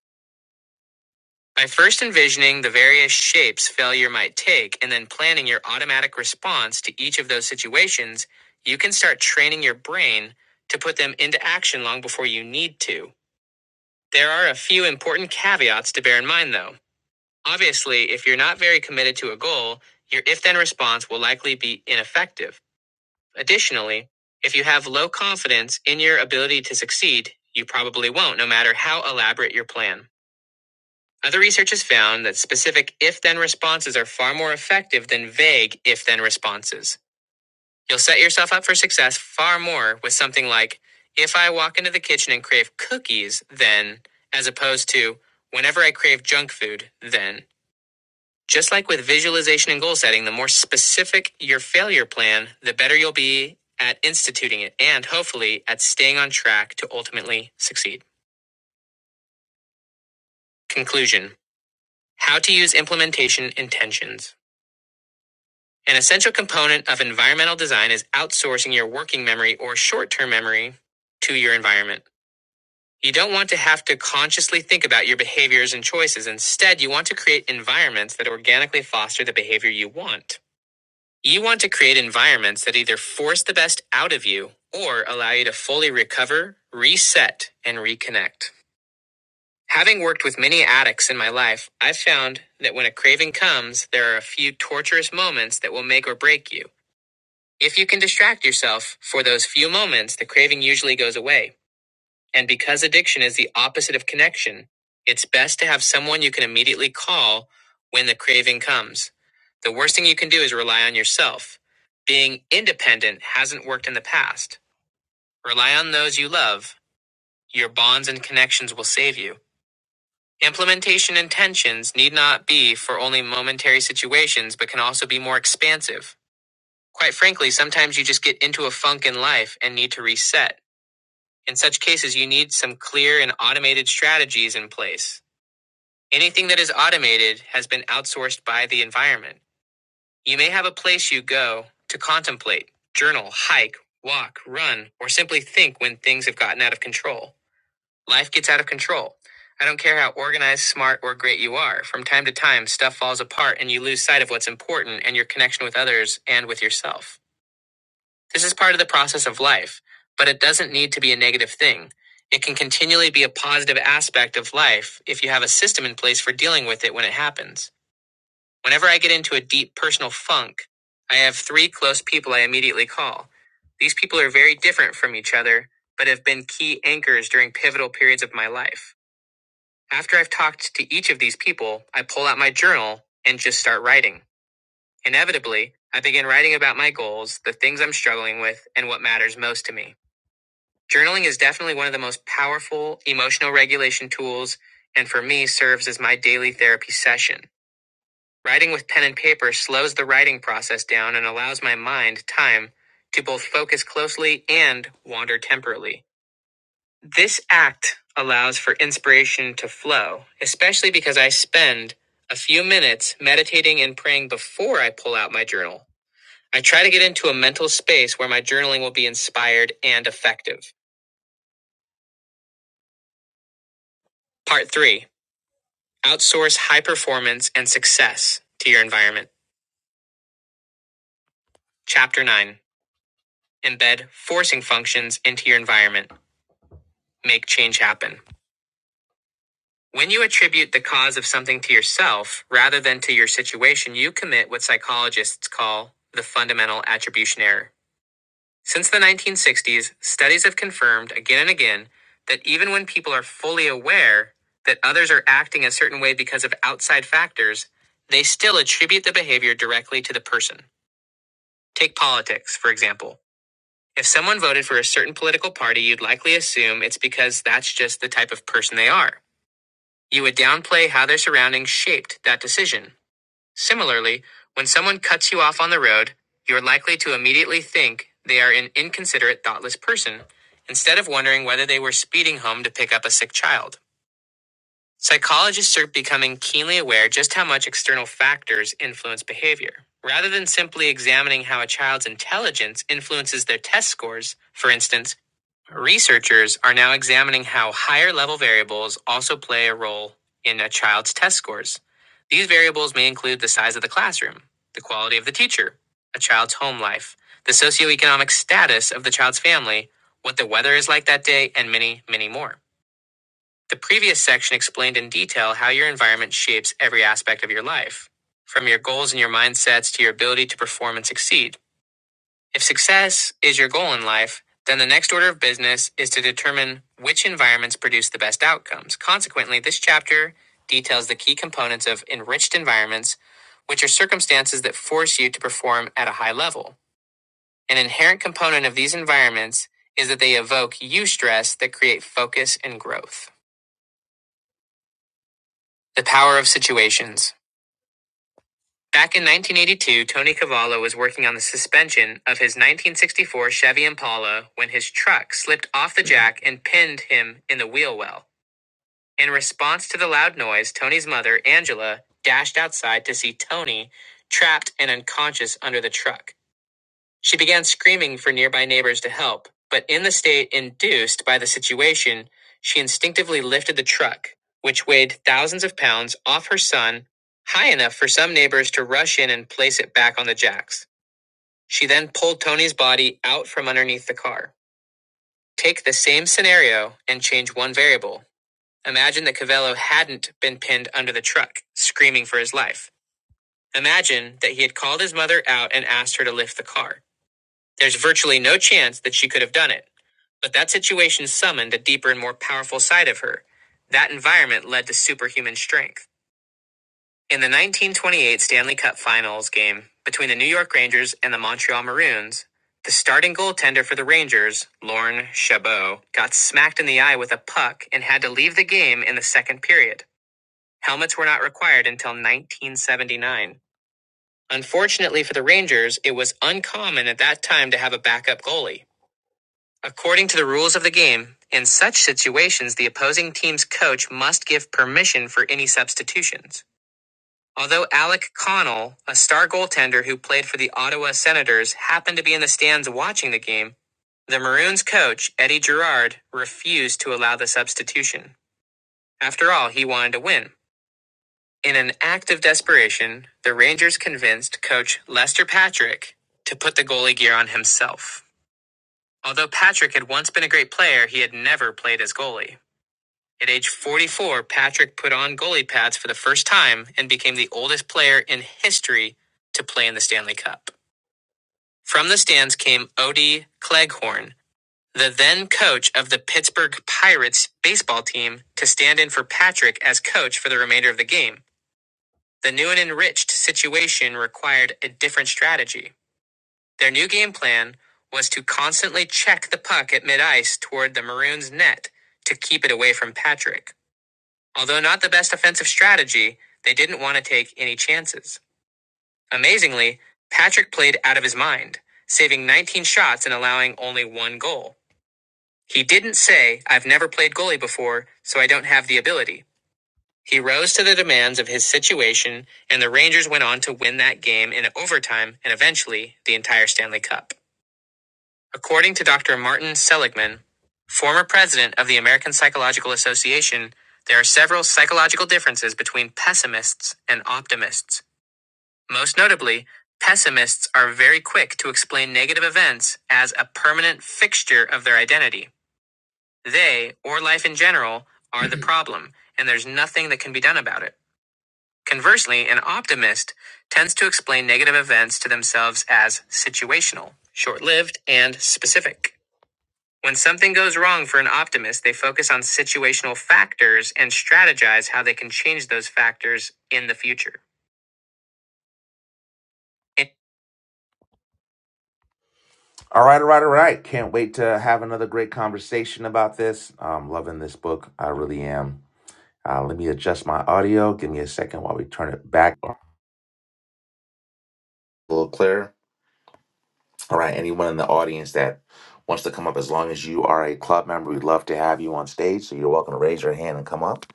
By first envisioning the various shapes failure might take and then planning your automatic response to each of those situations, you can start training your brain to put them into action long before you need to. There are a few important caveats to bear in mind, though. Obviously, if you're not very committed to a goal, your if then response will likely be ineffective. Additionally, if you have low confidence in your ability to succeed, you probably won't, no matter how elaborate your plan. Other research has found that specific if then responses are far more effective than vague if then responses. You'll set yourself up for success far more with something like, if I walk into the kitchen and crave cookies, then, as opposed to, whenever I crave junk food, then. Just like with visualization and goal setting, the more specific your failure plan, the better you'll be at instituting it and hopefully at staying on track to ultimately succeed. Conclusion How to use implementation intentions. An essential component of environmental design is outsourcing your working memory or short term memory to your environment. You don't want to have to consciously think about your behaviors and choices. Instead, you want to create environments that organically foster the behavior you want. You want to create environments that either force the best out of you or allow you to fully recover, reset, and reconnect. Having worked with many addicts in my life, I've found that when a craving comes, there are a few torturous moments that will make or break you. If you can distract yourself for those few moments, the craving usually goes away. And because addiction is the opposite of connection, it's best to have someone you can immediately call when the craving comes. The worst thing you can do is rely on yourself. Being independent hasn't worked in the past. Rely on those you love. Your bonds and connections will save you. Implementation intentions need not be for only momentary situations, but can also be more expansive. Quite frankly, sometimes you just get into a funk in life and need to reset. In such cases, you need some clear and automated strategies in place. Anything that is automated has been outsourced by the environment. You may have a place you go to contemplate, journal, hike, walk, run, or simply think when things have gotten out of control. Life gets out of control. I don't care how organized, smart, or great you are. From time to time, stuff falls apart and you lose sight of what's important and your connection with others and with yourself. This is part of the process of life, but it doesn't need to be a negative thing. It can continually be a positive aspect of life if you have a system in place for dealing with it when it happens. Whenever I get into a deep personal funk, I have three close people I immediately call. These people are very different from each other, but have been key anchors during pivotal periods of my life. After I've talked to each of these people, I pull out my journal and just start writing. Inevitably, I begin writing about my goals, the things I'm struggling with, and what matters most to me. Journaling is definitely one of the most powerful emotional regulation tools, and for me, serves as my daily therapy session. Writing with pen and paper slows the writing process down and allows my mind time to both focus closely and wander temporally. This act allows for inspiration to flow, especially because I spend a few minutes meditating and praying before I pull out my journal. I try to get into a mental space where my journaling will be inspired and effective. Part 3 Outsource high performance and success to your environment. Chapter 9 Embed forcing functions into your environment. Make change happen. When you attribute the cause of something to yourself rather than to your situation, you commit what psychologists call the fundamental attribution error. Since the 1960s, studies have confirmed again and again that even when people are fully aware that others are acting a certain way because of outside factors, they still attribute the behavior directly to the person. Take politics, for example. If someone voted for a certain political party, you'd likely assume it's because that's just the type of person they are. You would downplay how their surroundings shaped that decision. Similarly, when someone cuts you off on the road, you're likely to immediately think they are an inconsiderate, thoughtless person, instead of wondering whether they were speeding home to pick up a sick child. Psychologists are becoming keenly aware just how much external factors influence behavior. Rather than simply examining how a child's intelligence influences their test scores, for instance, researchers are now examining how higher level variables also play a role in a child's test scores. These variables may include the size of the classroom, the quality of the teacher, a child's home life, the socioeconomic status of the child's family, what the weather is like that day, and many, many more. The previous section explained in detail how your environment shapes every aspect of your life, from your goals and your mindsets to your ability to perform and succeed. If success is your goal in life, then the next order of business is to determine which environments produce the best outcomes. Consequently, this chapter details the key components of enriched environments, which are circumstances that force you to perform at a high level. An inherent component of these environments is that they evoke eustress that create focus and growth. The power of situations. Back in 1982, Tony Cavallo was working on the suspension of his 1964 Chevy Impala when his truck slipped off the jack and pinned him in the wheel well. In response to the loud noise, Tony's mother, Angela, dashed outside to see Tony trapped and unconscious under the truck. She began screaming for nearby neighbors to help, but in the state induced by the situation, she instinctively lifted the truck, which weighed thousands of pounds, off her son, high enough for some neighbors to rush in and place it back on the jacks. She then pulled Tony's body out from underneath the car. Take the same scenario and change one variable. Imagine that Cavello hadn't been pinned under the truck, screaming for his life. Imagine that he had called his mother out and asked her to lift the car. There's virtually no chance that she could have done it. But that situation summoned a deeper and more powerful side of her. That environment led to superhuman strength. In the 1928 Stanley Cup Finals game between the New York Rangers and the Montreal Maroons, the starting goaltender for the Rangers, Lorne Chabot, got smacked in the eye with a puck and had to leave the game in the second period. Helmets were not required until 1979. Unfortunately for the Rangers, it was uncommon at that time to have a backup goalie. According to the rules of the game, in such situations, the opposing team's coach must give permission for any substitutions. Although Alec Connell, a star goaltender who played for the Ottawa Senators, happened to be in the stands watching the game, the Maroons coach, Eddie Girard, refused to allow the substitution. After all, he wanted to win. In an act of desperation, the Rangers convinced coach Lester Patrick to put the goalie gear on himself. Although Patrick had once been a great player, he had never played as goalie. At age 44, Patrick put on goalie pads for the first time and became the oldest player in history to play in the Stanley Cup. From the stands came Odie Cleghorn, the then coach of the Pittsburgh Pirates baseball team, to stand in for Patrick as coach for the remainder of the game. The new and enriched situation required a different strategy. Their new game plan was to constantly check the puck at mid ice toward the Maroons' net to keep it away from Patrick. Although not the best offensive strategy, they didn't want to take any chances. Amazingly, Patrick played out of his mind, saving 19 shots and allowing only one goal. He didn't say, I've never played goalie before, so I don't have the ability. He rose to the demands of his situation, and the Rangers went on to win that game in overtime and eventually the entire Stanley Cup. According to Dr. Martin Seligman, former president of the American Psychological Association, there are several psychological differences between pessimists and optimists. Most notably, pessimists are very quick to explain negative events as a permanent fixture of their identity. They, or life in general, are the problem, and there's nothing that can be done about it. Conversely, an optimist tends to explain negative events to themselves as situational, short lived, and specific. When something goes wrong for an optimist, they focus on situational factors and strategize how they can change those factors in the future. All right, all right, all right. Can't wait to have another great conversation about this. I'm loving this book. I really am. Uh, let me adjust my audio. Give me a second while we turn it back a little clearer. All right, anyone in the audience that wants to come up, as long as you are a club member, we'd love to have you on stage. So you're welcome to raise your hand and come up.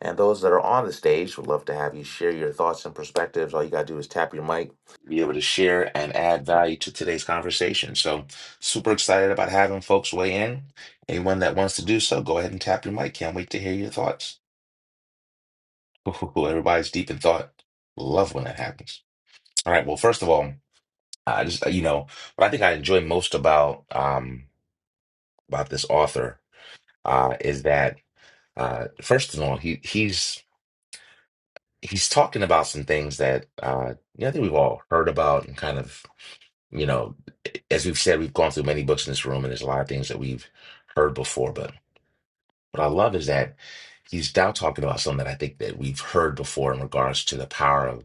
And those that are on the stage, would love to have you share your thoughts and perspectives. All you got to do is tap your mic, be able to share and add value to today's conversation. So, super excited about having folks weigh in. Anyone that wants to do so, go ahead and tap your mic. Can't wait to hear your thoughts. Ooh, everybody's deep in thought. Love when that happens. All right. Well, first of all, I just, you know, what I think I enjoy most about, um, about this author uh, is that uh, first of all, he he's he's talking about some things that uh, you know, I think we've all heard about and kind of you know, as we've said, we've gone through many books in this room, and there's a lot of things that we've heard before. But what I love is that he's now talking about something that I think that we've heard before in regards to the power of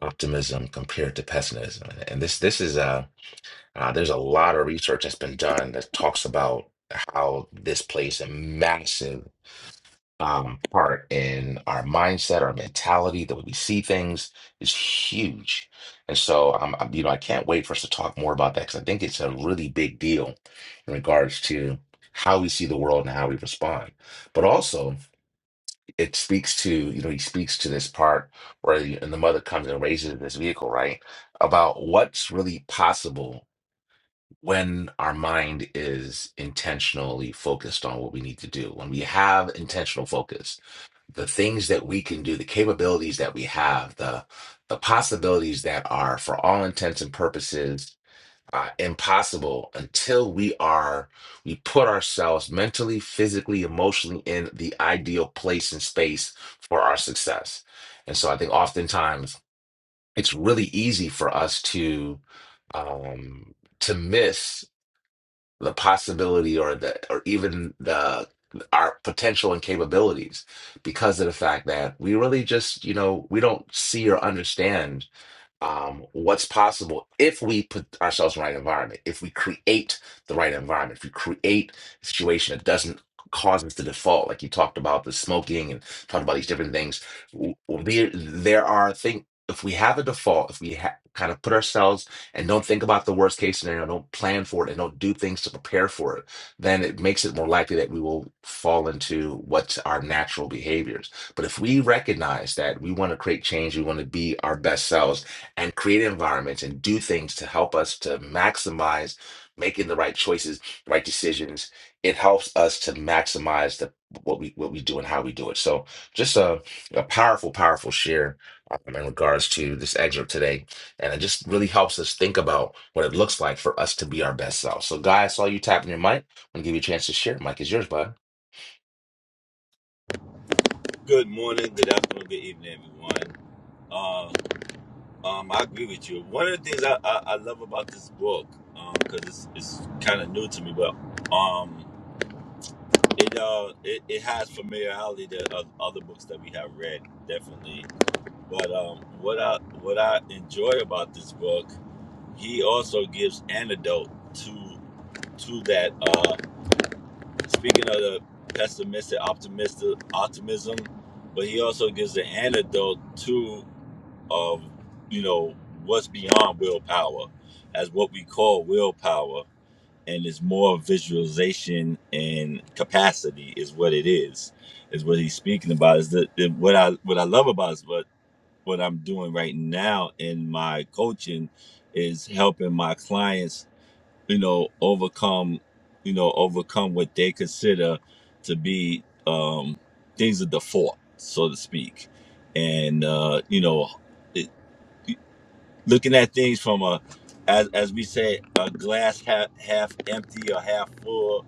optimism compared to pessimism. And this this is a uh, there's a lot of research that's been done that talks about how this plays a massive um, part in our mindset, our mentality, the way we see things is huge. And so, I'm, I'm- you know, I can't wait for us to talk more about that because I think it's a really big deal in regards to how we see the world and how we respond. But also, it speaks to, you know, he speaks to this part where the, and the mother comes and raises this vehicle, right? About what's really possible when our mind is intentionally focused on what we need to do, when we have intentional focus the things that we can do, the capabilities that we have, the the possibilities that are, for all intents and purposes, uh, impossible until we are we put ourselves mentally, physically, emotionally in the ideal place and space for our success. And so, I think oftentimes it's really easy for us to um, to miss the possibility or the or even the our potential and capabilities because of the fact that we really just you know we don't see or understand um, what's possible if we put ourselves in the right environment, if we create the right environment, if we create a situation that doesn't cause us to default, like you talked about the smoking and talked about these different things. W- w- There, there are things, if we have a default, if we ha- kind of put ourselves and don't think about the worst case scenario, don't plan for it, and don't do things to prepare for it, then it makes it more likely that we will fall into what's our natural behaviors. But if we recognize that we want to create change, we want to be our best selves, and create environments and do things to help us to maximize making the right choices, right decisions. It helps us to maximize the what we what we do and how we do it. So just a, a powerful, powerful share um, in regards to this excerpt today. And it just really helps us think about what it looks like for us to be our best self. So guys, I saw you tapping your mic. I'm gonna give you a chance to share. Mic is yours, bud. Good morning, good afternoon, good evening, everyone. Uh, um, I agree with you. One of the things I, I, I love about this book, um, because it's, it's kind of new to me, but um, it uh, it, it has familiarity to uh, other books that we have read, definitely. But um, what I what I enjoy about this book, he also gives antidote to to that. Uh, speaking of the pessimistic, optimistic optimism, but he also gives an antidote to of you know what's beyond willpower as what we call willpower and it's more visualization and capacity is what it is is what he's speaking about is that that what i what i love about is what what i'm doing right now in my coaching is helping my clients you know overcome you know overcome what they consider to be um things of default so to speak and uh you know it, looking at things from a as as we say a glass half half empty or half full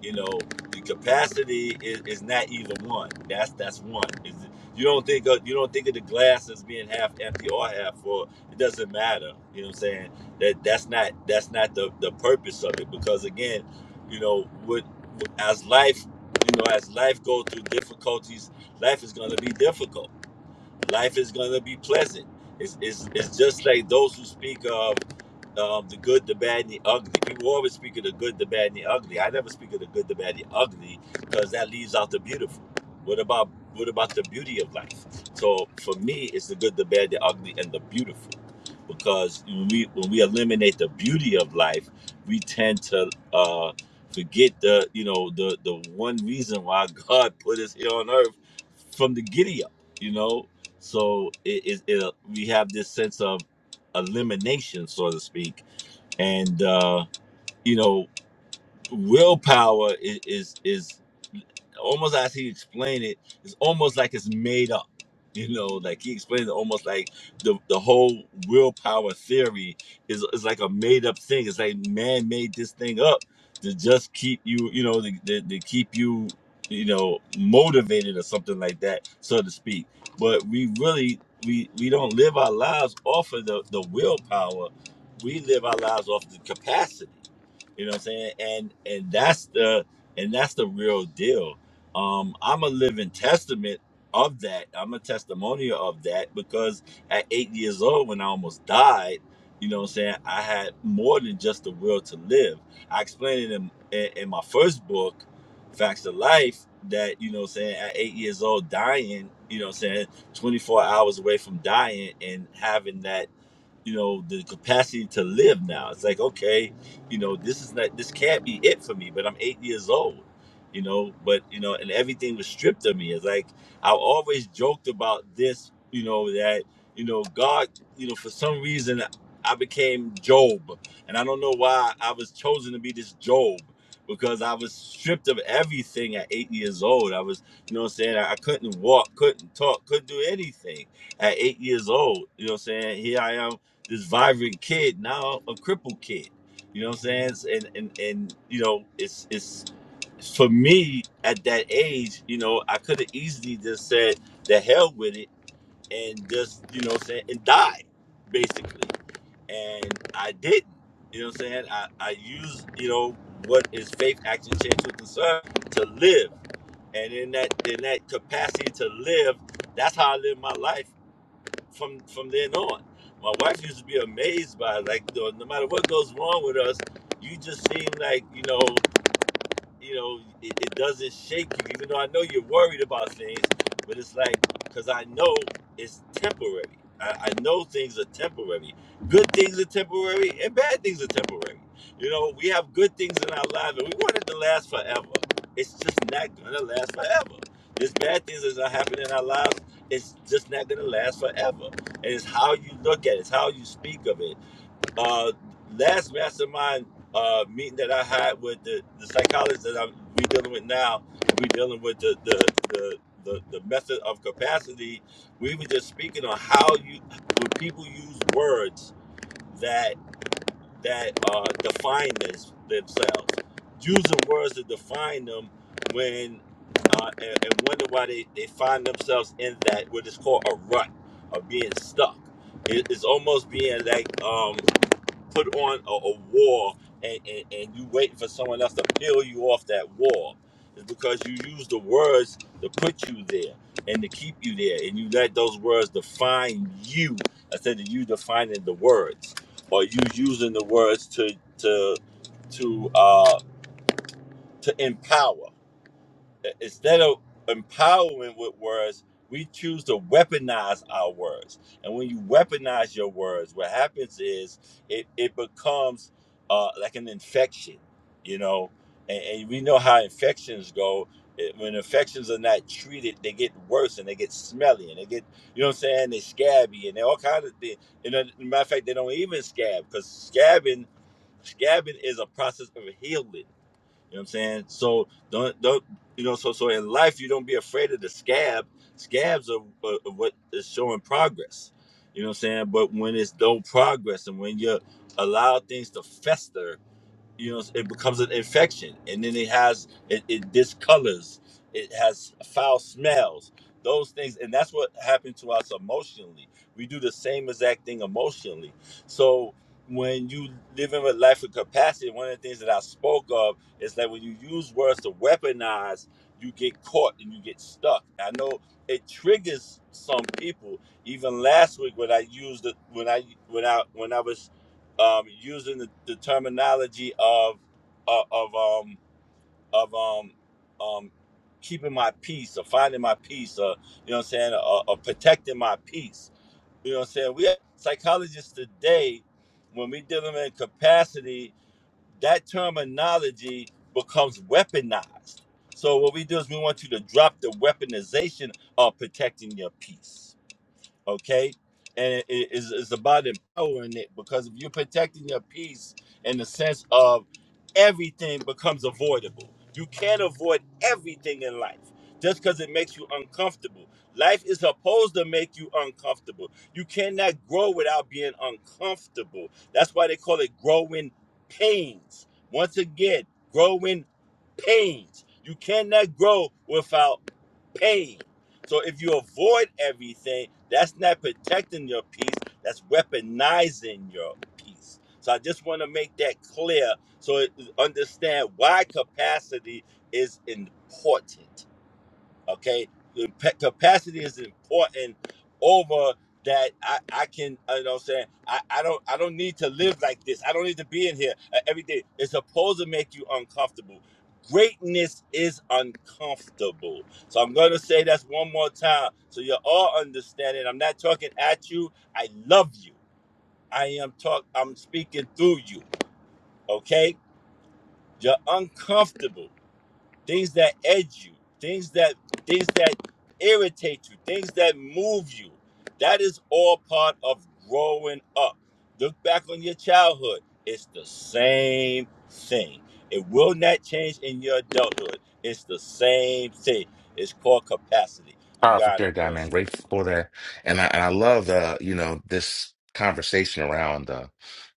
you know the capacity is, is not either one that's that's one is you don't think of you don't think of the glass as being half empty or half full it doesn't matter you know what i'm saying that that's not that's not the the purpose of it because again you know with, with as life you know as life goes through difficulties life is going to be difficult Life is gonna be pleasant. It's, it's, it's just like those who speak of um, the good, the bad, and the ugly. People always speak of the good, the bad, and the ugly. I never speak of the good, the bad, and the ugly because that leaves out the beautiful. What about what about the beauty of life? So for me, it's the good, the bad, the ugly, and the beautiful. Because when we when we eliminate the beauty of life, we tend to uh, forget the you know the the one reason why God put us here on earth from the giddy up. You know, so it is it, it, we have this sense of elimination, so to speak, and uh, you know willpower is is, is almost as he explained it, it's almost like it's made up. You know, like he explained it almost like the the whole willpower theory is is like a made up thing. It's like man made this thing up to just keep you, you know, to, to, to keep you, you know, motivated or something like that, so to speak. But we really we we don't live our lives off of the, the willpower. We live our lives off the capacity. You know what I'm saying? And and that's the and that's the real deal. Um, I'm a living testament of that. I'm a testimonial of that because at eight years old when I almost died, you know what I'm saying, I had more than just the will to live. I explained it in, in, in my first book, Facts of Life, that, you know what I'm saying, at eight years old dying, you know what I'm saying, 24 hours away from dying and having that you know the capacity to live now it's like okay you know this is not this can't be it for me but i'm eight years old you know but you know and everything was stripped of me it's like i always joked about this you know that you know god you know for some reason i became job and i don't know why i was chosen to be this job because i was stripped of everything at eight years old i was you know what i'm saying i, I couldn't walk couldn't talk couldn't do anything at eight years old you know what i'm saying here i am this vibrant kid, now a crippled kid. You know what I'm saying? And and and you know, it's it's for me at that age, you know, I could have easily just said the hell with it and just, you know what I'm saying, and died, basically. And I didn't. You know what I'm saying? I, I used, you know, what is faith, action, change with concern to live and in that in that capacity to live, that's how I live my life from from then on. My wife used to be amazed by it, like no matter what goes wrong with us, you just seem like you know you know, it, it doesn't shake you, even though I know you're worried about things, but it's like, because I know it's temporary. I, I know things are temporary. Good things are temporary and bad things are temporary. You know, we have good things in our lives and we want it to last forever. It's just not going to last forever. There's bad things that are happening in our lives. It's just not going to last forever. And it's how you look at it, it's how you speak of it uh, last mastermind uh, meeting that I had with the, the psychologist that I'm we dealing with now, we dealing with the the, the the the method of capacity. We were just speaking on how you when people use words that that uh, define this, themselves, using words to define them when uh, and, and wonder why they, they find themselves in that what is called a rut of being stuck. It, it's almost being like um put on a, a wall and, and, and you wait for someone else to peel you off that wall. It's because you use the words to put you there and to keep you there. And you let those words define you instead of you defining the words. Or you using the words to to to uh to empower instead of empowering with words, we choose to weaponize our words. And when you weaponize your words, what happens is it, it becomes uh, like an infection, you know. And, and we know how infections go. It- when infections are not treated, they get worse and they get smelly and they get, you know what I'm saying, they scabby and they all kind of things. You know, matter of fact, they don't even scab because scabbing, scabbing is a process of healing you know what I'm saying? So don't don't you know? So so in life, you don't be afraid of the scab. Scabs are, are, are what is showing progress. You know what I'm saying? But when it's no progress, and when you allow things to fester, you know it becomes an infection and then it has it, it discolors it has foul smells those things and that's what happened to us emotionally we do the same exact thing emotionally so when you live in a life of capacity one of the things that i spoke of is that when you use words to weaponize you get caught and you get stuck i know it triggers some people even last week when i used the when i when i when i was um, using the, the terminology of uh, of um, of um, um, keeping my peace or finding my peace or you know what I'm saying or, or protecting my peace. You know what I'm saying? We have psychologists today when we deal in capacity, that terminology becomes weaponized. So what we do is we want you to drop the weaponization of protecting your peace okay? And it is it's about empowering it because if you're protecting your peace in the sense of everything becomes avoidable. You can't avoid everything in life just because it makes you uncomfortable. Life is supposed to make you uncomfortable. You cannot grow without being uncomfortable. That's why they call it growing pains. Once again, growing pains. You cannot grow without pain. So if you avoid everything, that's not protecting your peace, that's weaponizing your peace. So I just want to make that clear so it- understand why capacity is important. Okay, The pa- capacity is important over that. I I can uh, you know what I'm saying I I don't I don't need to live like this. I don't need to be in here uh, every day. It's supposed to make you uncomfortable. Greatness is uncomfortable. So I'm going to say that's one more time so you all understand it. I'm not talking at you. I love you. I am talk I'm speaking through you. Okay? You're uncomfortable things that edge you, things that things that irritate you, things that move you. That is all part of growing up. Look back on your childhood. It's the same thing. It will not change in your adulthood. It's the same thing. It's called capacity. I'm Powerful God. share, I'm guy, done man. speaking. Grateful for that, and I and I love the you know this conversation around the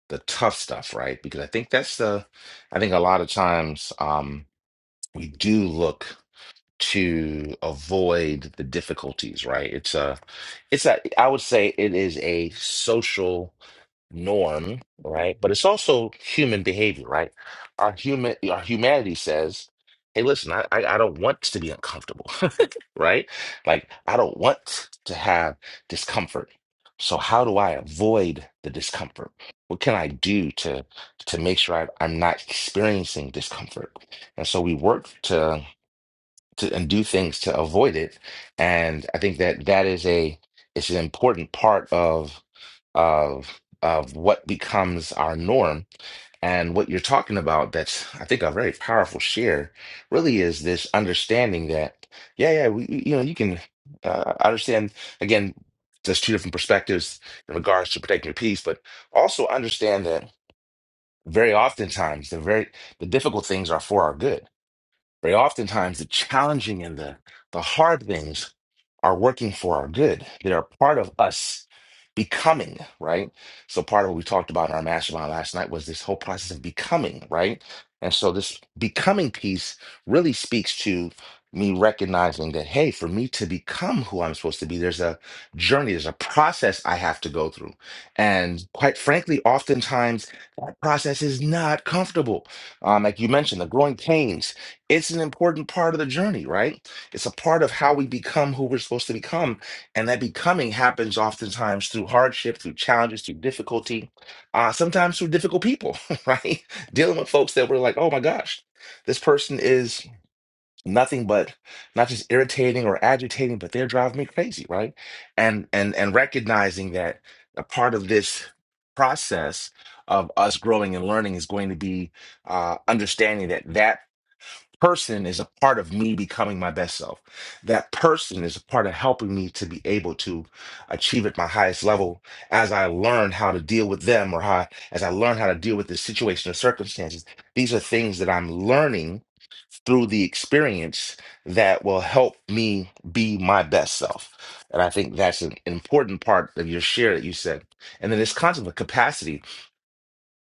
the tough stuff, right? Because I think that's the I think a lot of times um, we do look to avoid the difficulties, right? It's a it's a I would say it is a social norm, right? But it's also human behavior, right? Our human, our humanity says, "Hey, listen, I, I, I don't want to be uncomfortable. right? Like, I don't want to have discomfort. So how do I avoid the discomfort? What can I do to to make sure I, I'm not experiencing discomfort? And so we work to to and do things to avoid it. And I think that that is a it's an important part of of of what becomes our norm and what you're talking about, that's, I think, a very powerful share, really is this understanding that, yeah, yeah, we, you know, you can uh, understand, again, there's two different perspectives in regards to protecting your peace, but also understand that very oftentimes the very, the difficult things are for our good very oftentimes, the challenging and the, the hard things are working for our good. They are part of us becoming, right? So, part of what we talked about in our mastermind last night was this whole process of becoming, right? And so, this becoming piece really speaks to me recognizing that, hey, for me to become who I'm supposed to be, there's a journey, there's a process I have to go through. And quite frankly, oftentimes that process is not comfortable. Um, like you mentioned, the growing pains it's an important part of the journey, right? It's a part of how we become who we're supposed to become. And that becoming happens oftentimes through hardship, through challenges, through difficulty, uh, sometimes through difficult people, right? Dealing with folks that were like, oh my gosh, this person is nothing but not just irritating or agitating, but they're driving me crazy, right? And and and recognizing that a part of this process of us growing and learning is going to be uh, understanding that that person is a part of me becoming my best self. That person is a part of helping me to be able to achieve at my highest level as I learn how to deal with them or how as I learn how to deal with the situation or circumstances. These are things that I'm learning through the experience that will help me be my best self. And I think that's an important part of your share that you said. And then this concept of capacity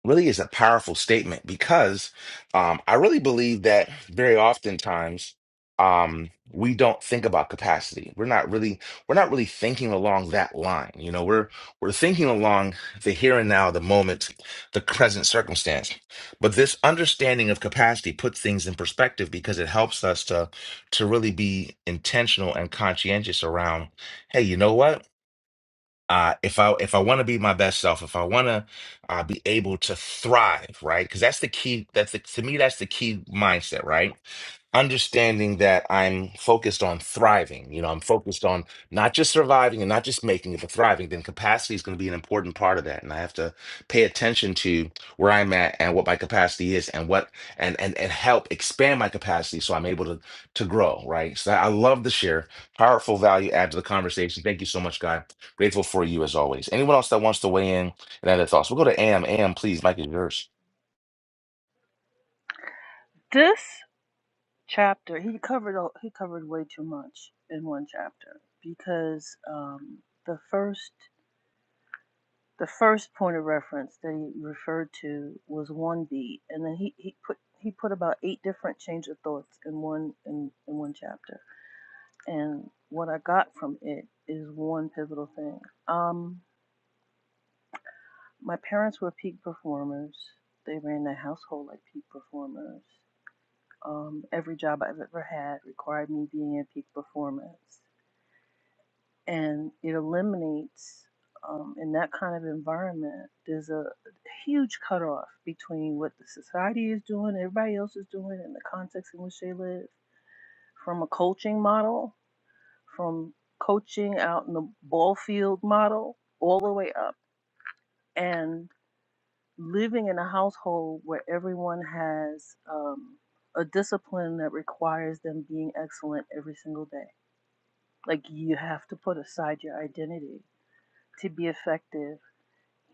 really is a powerful statement because um, I really believe that very oftentimes um, we don't think about capacity. We're not really we're not really thinking along that line. You know, we're we're thinking along the here and now, the moment, the present circumstance. But this understanding of capacity puts things in perspective because it helps us to to really be intentional and conscientious around. Hey, you know what? uh, if I if I want to be my best self, if I want to uh, be able to thrive, right? Because that's the key. That's the, to me, that's the key mindset, right? Understanding that I'm focused on thriving. You know, I'm focused on not just surviving and not just making it, but thriving. Then capacity is going to be an important part of that, and I have to pay attention to where I'm at and what my capacity is, and what and and and help expand my capacity so I'm able to to grow, right? So I love the share. Powerful value add to the conversation. Thank you so much, guy. Grateful for you as always. Anyone else that wants to weigh in and add their thoughts? We'll go to Am. Am, please, Mike is yours. This? chapter. He covered a- he covered way too much in one chapter because um, the first the first point of reference that he referred to was one beat, and then he, he put he put about eight different change of thoughts in one in, in one chapter. And what I got from it is one pivotal thing. Um, my parents were peak performers. They ran their household like peak performers. Um, every job I've ever had required me being a peak performance and it eliminates um, in that kind of environment there's a huge cutoff between what the society is doing everybody else is doing and the context in which they live from a coaching model from coaching out in the ball field model all the way up and living in a household where everyone has um, a discipline that requires them being excellent every single day like you have to put aside your identity to be effective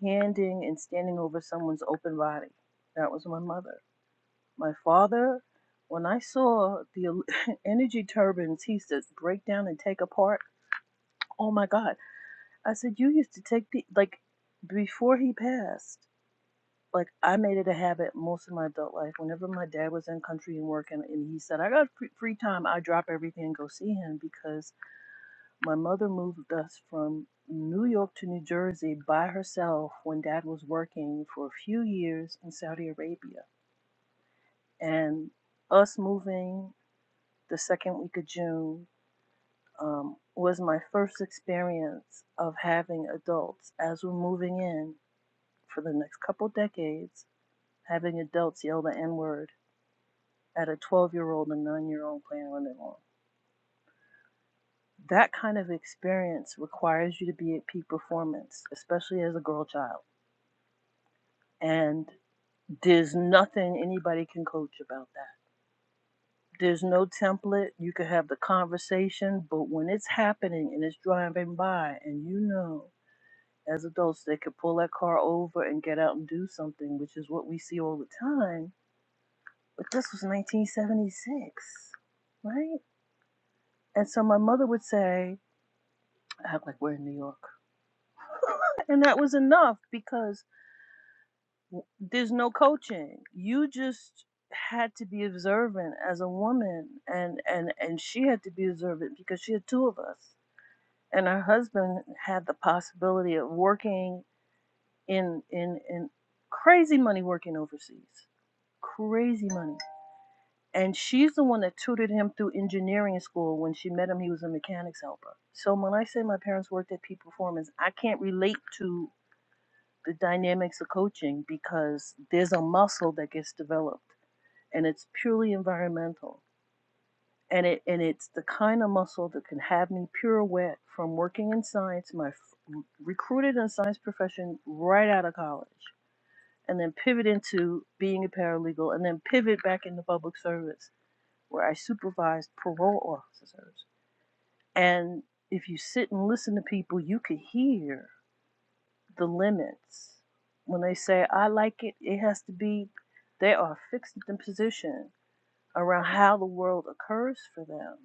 handing and standing over someone's open body. That was my mother. My father, when I saw the energy turbines he used to break down and take apart, oh my God. I said, You used to take the, like, before he passed, like, I made it a habit most of my adult life. Whenever my dad was in country and working, and he said, I got free time, I drop everything and go see him because my mother moved us from New York to New Jersey by herself when dad was working for a few years in Saudi Arabia. And us moving the second week of June um, was my first experience of having adults as we're moving in for the next couple decades, having adults yell the N word at a 12 year old and 9 year old playing on their own. That kind of experience requires you to be at peak performance, especially as a girl child and there's nothing anybody can coach about that. There's no template. You can have the conversation, but when it's happening and it's driving by, and you know, as adults, they could pull that car over and get out and do something, which is what we see all the time. But this was 1976, right? And so my mother would say, act like we're in New York. and that was enough because there's no coaching. You just had to be observant as a woman, and and and she had to be observant because she had two of us, and her husband had the possibility of working in in in crazy money working overseas, crazy money. And she's the one that tutored him through engineering school. When she met him, he was a mechanics helper. So when I say my parents worked at Peak Performance, I can't relate to the dynamics of coaching because there's a muscle that gets developed and it's purely environmental. And it and it's the kind of muscle that can have me pirouette from working in science, my f- recruited in the science profession right out of college, and then pivot into being a paralegal, and then pivot back into public service where I supervised parole officers. And if you sit and listen to people, you can hear the limits when they say, "I like it. It has to be." They are fixed in position around how the world occurs for them.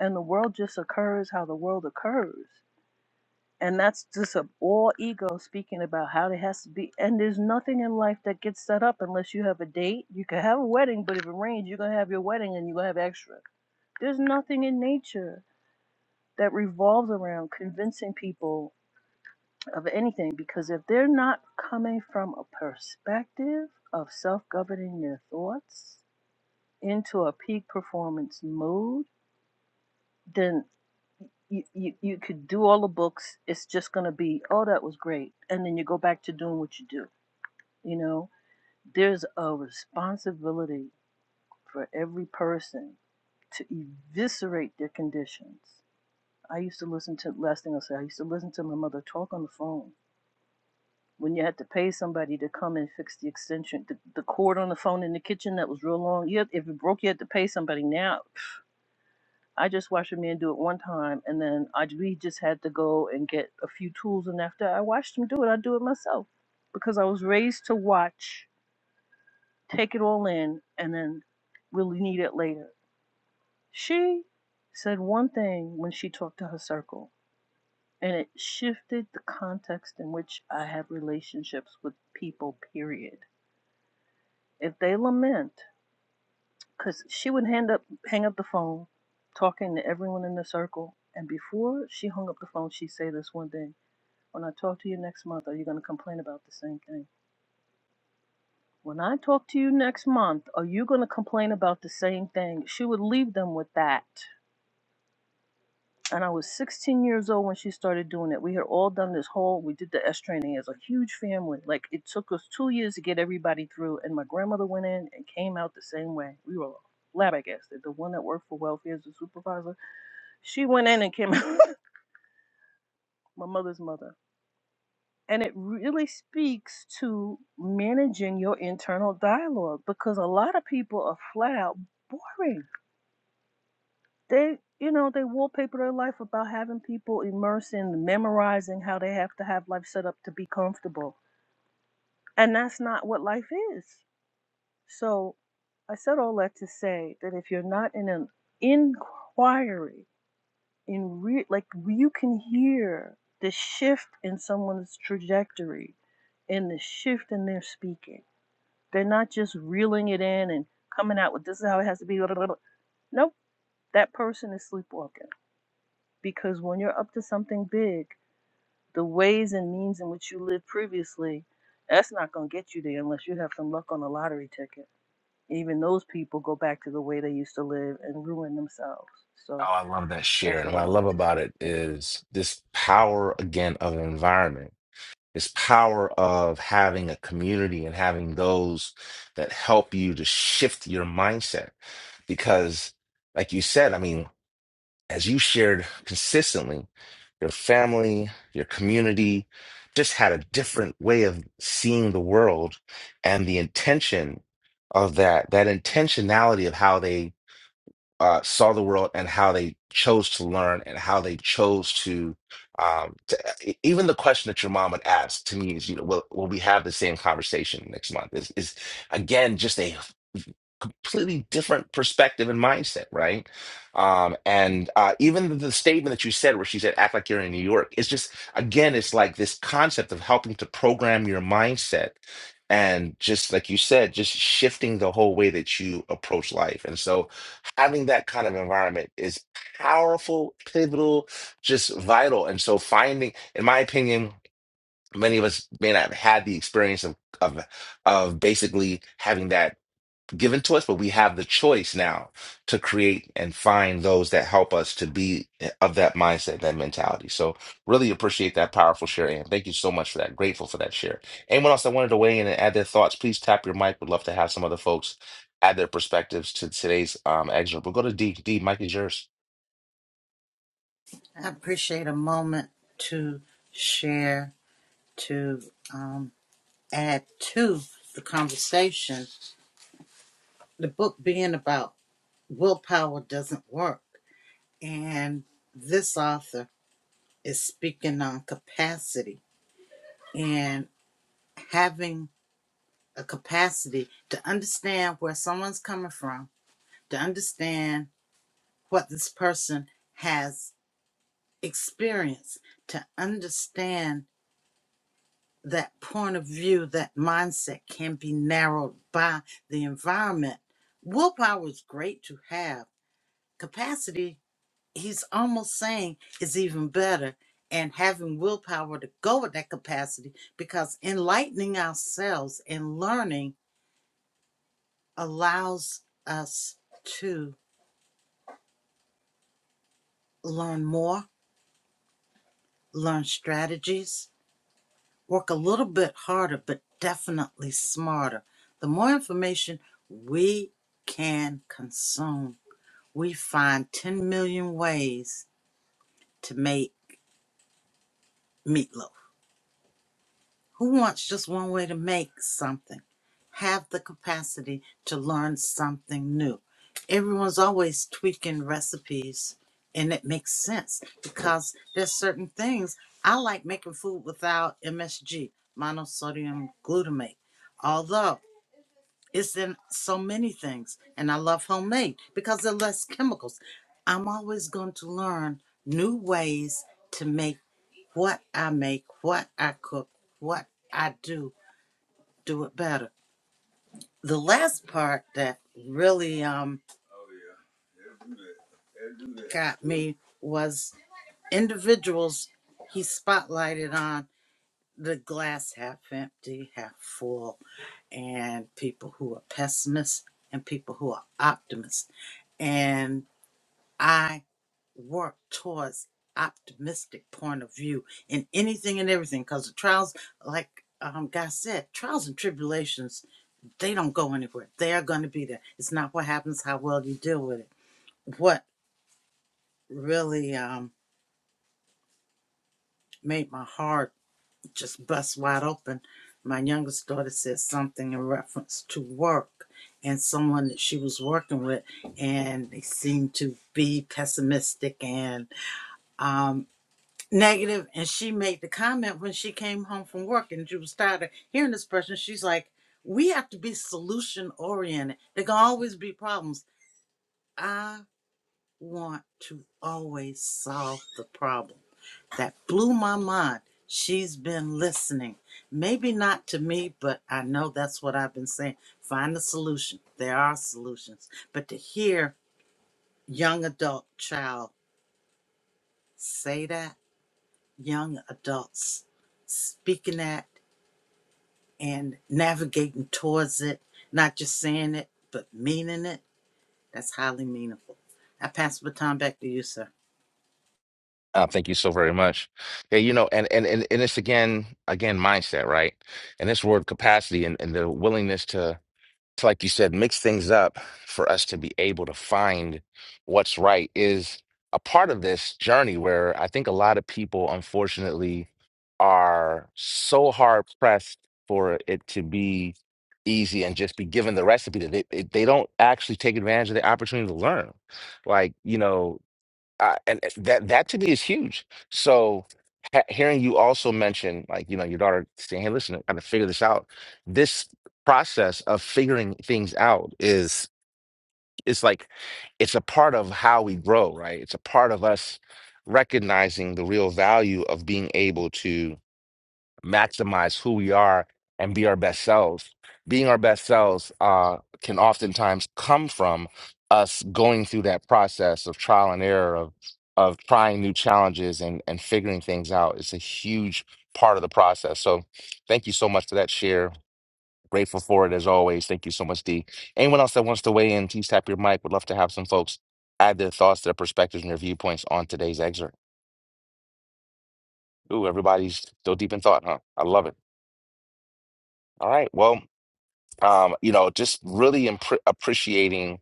And the world just occurs how the world occurs. And that's just a, all ego speaking about how it has to be. And there's nothing in life that gets set up unless you have a date. You can have a wedding, but if it rains, you're going to have your wedding and you're going to have extra. There's nothing in nature that revolves around convincing people of anything because if they're not coming from a perspective of self governing their thoughts into a peak performance mode, then you, you, you could do all the books. It's just going to be, oh, that was great. And then you go back to doing what you do. You know, there's a responsibility for every person to eviscerate their conditions. I used to listen to, last thing I'll say, I used to listen to my mother talk on the phone. When you had to pay somebody to come and fix the extension, the, the cord on the phone in the kitchen that was real long, you had, if it broke, you had to pay somebody now. I just watched a man do it one time, and then I we just had to go and get a few tools. And after I watched him do it, I do it myself because I was raised to watch, take it all in, and then really need it later. She said one thing when she talked to her circle, and it shifted the context in which I have relationships with people. Period. If they lament. because she would hand up, hang up the phone, talking to everyone in the circle. And before she hung up the phone, she'd say this one thing When I talk to you next month, are you going to complain about the same thing? When I talk to you next month, are you going to complain about the same thing? She would leave them with that. And I was 16 years old when she started doing it. We had all done this whole, we did the S training as a huge family. Like it took us two years to get everybody through. And my grandmother went in and came out the same way. We were flabbergasted. The one that worked for welfare as a supervisor, She went in and came out, my mother's mother. And it really speaks to managing your internal dialogue because a lot of people are flat out boring. They, you know, they wallpaper their life about having people immersed in memorizing how they have to have life set up to be comfortable. And that's not what life is. So I said all that to say that if you're not in an inquiry, in re- like you can hear the shift in someone's trajectory and the shift in their speaking. They're not just reeling it in and coming out with this is how it has to be. Nope, that person is sleepwalking because when you're up to something big, the ways and means in which you lived previously, that's not going to get you there unless you have some luck on a lottery ticket. Even those people go back to the way they used to live and ruin themselves. Oh, So I love that share. that's And what I what I wanted love to about say. it Thank you. is this power again of an environment, this power of having a community and having those that help you to shift your mindset. Because, like you said, I mean, as you shared consistently, your family, your community just had a different way of seeing the world and the intention of that, that intentionality of how they uh, saw the world and how they chose to learn and how they chose to, um, to e- even the question that your mom would ask to me is, you know, will, will we have the same conversation next month? Is, is again just a completely different perspective and mindset, right? Um, and uh, even the statement that you said, where she said, "Act like you're in New York," is just again, it's like this concept of helping to program your mindset, and just like you said, just shifting the whole way that you approach life. And so, having that kind of environment is powerful, pivotal, just vital. And so finding, in my opinion, many of us may not have had the experience of of of basically having that given to us, but we have the choice now to create and find those that help us to be of that mindset, that mentality. So really appreciate that powerful share, and thank you so much for that. Grateful for that share. Anyone else that wanted to weigh in and add their thoughts, please tap your mic. Would love to have some other folks add their perspectives to today's um excerpt. We'll go to D. D. Mike is yours. I appreciate a moment to share, to um, add to the conversation. The book being about willpower doesn't work. And this author is speaking on capacity and having a capacity to understand where someone's coming from, to understand what this person has experienced to understand that point of view, that mindset can be narrowed by the environment. Willpower is great to have. Capacity, he's almost saying, is even better. And having willpower to go with that capacity because enlightening ourselves and learning allows us to learn more, learn strategies, work a little bit harder, but definitely smarter. The more information we can consume, we find 10 million ways to make meatloaf. Who wants just one way to make something? Have the capacity to learn something new. Everyone's always tweaking recipes, and it makes sense because there's certain things I like making food without MSG, monosodium glutamate. Although It's in so many things. And I love homemade because they're less chemicals. I'm always going to learn new ways to make what I make, what I cook, what I do, do it better. The last part that really um, got me was individuals he spotlighted on the glass half empty, half full, and people who are pessimists and people who are optimists. and I work towards optimistic point of view in anything and everything because the trials, like um, Guy said, trials and tribulations, they don't go anywhere. They are going to be there. It's not what happens, how well you deal with it. What really um, made my heart just bust wide open, my youngest daughter said something in reference to work and someone that she was working with, and they seemed to be pessimistic and um, negative and she made the comment when she came home from work and she was tired of hearing this person she's like we have to be solution oriented there can always be problems i want to always solve the problem that blew my mind she's been listening maybe not to me but i know that's what i've been saying find a solution there are solutions but to hear young adult child say that young adults speaking that and navigating towards it, not just saying it, but meaning it, that's highly meaningful. I pass the baton back to you, sir. Uh, thank you so very much. Yeah, you know, and and and, and it's again again mindset, right? And this word capacity and, and the willingness to it's like you said, mix things up for us to be able to find what's right is a part of this journey where I think a lot of people, unfortunately, are so hard pressed for it to be easy and just be given the recipe that they, it- they don't actually take advantage of the opportunity to learn. Like, you know, uh, and eh, that that to me is huge. So ha hearing you also mention, like, you know, your daughter saying, "Hey, listen, I got to figure this out." This process of figuring things out is it's like it's a part of how we grow, right? It's a part of us recognizing the real value of being able to maximize who we are and be our best selves. Being our best selves uh, can oftentimes come from us going through that process of trial and error of of trying new challenges and and figuring things out. It's a huge part of the process. So, thank you so much for that share. Grateful for it as always. Thank you so much, D. Anyone else that wants to weigh in, please tap your mic. Would love to have some folks add their thoughts, their perspectives, and their viewpoints on today's excerpt. Ooh, everybody's still deep in thought, huh? I love it. All right. Well. um, you know, just really impre- appreciating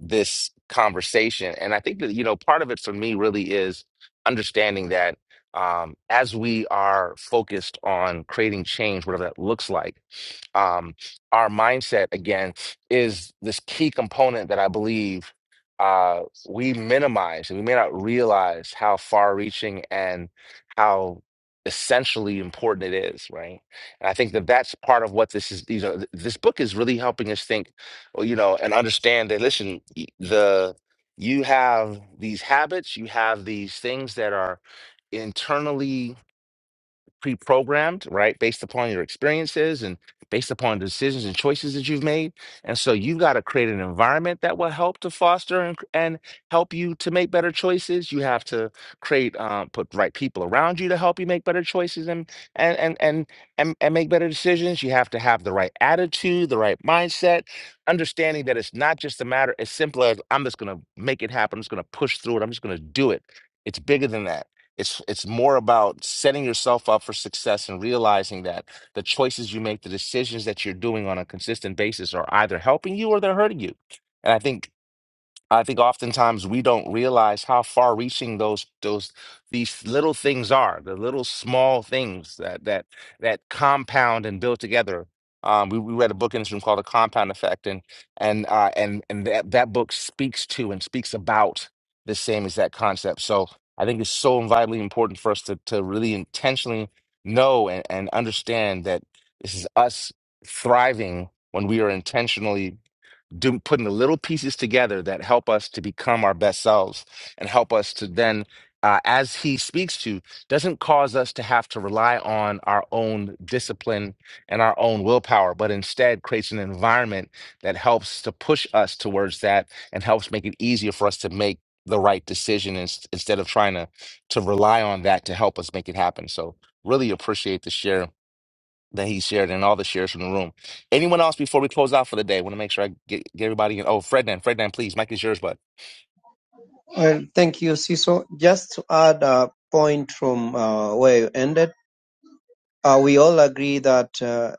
this conversation. And I think that, you know, part of it for me really is understanding that um, as we are focused on creating change, whatever that looks like, um, our mindset, again, is this key component that I believe uh, we minimize and we may not realize how far reaching and how essentially important it is, right? And I think that that's part of what this is. These are th- this book is really helping us think, well, you know, and understand that. Listen, y- the you have these habits, you have these things that are internally pre-programmed, right? Based upon your experiences and based upon decisions and choices that you've made. And so you've got to create an environment that will help to foster and, and help you to make better choices. You have to create, um, put the right people around you to help you make better choices and, and, and, and, and, and make better decisions. You have to have the right attitude, the right mindset, understanding that it's not just a matter as simple as I'm just going to make it happen. I'm just going to push through it. I'm just going to do it. It's bigger than that it's it's more about setting yourself up for success and realizing that the choices you make, the decisions that you're doing on a consistent basis are either helping you or they're hurting you. And I think I think oftentimes we don't realize how far-reaching those those these little things are, the little small things that that that compound and build together. Um, we, we read a book in this room called The Compound Effect, and and uh, and and that that book speaks to and speaks about the same exact concept. So I think it's so vitally important for us to to really intentionally know and, and understand that this is us thriving when we are intentionally do, putting the little pieces together that help us to become our best selves and help us to then, uh, as he speaks to, doesn't cause us to have to rely on our own discipline and our own willpower, but instead creates an environment that helps to push us towards that and helps make it easier for us to make the right decision ins- instead of trying to to rely on that to help us make it happen. So really appreciate the share that he shared and all the shares from the room. Anyone else before we close out for the day? want to make sure I get, get everybody in. Oh, Frednan, Frednan, please, Mike is yours, bud. Well, thank you, Siso. Just to add a point from uh, where you ended, uh, we all agree that uh,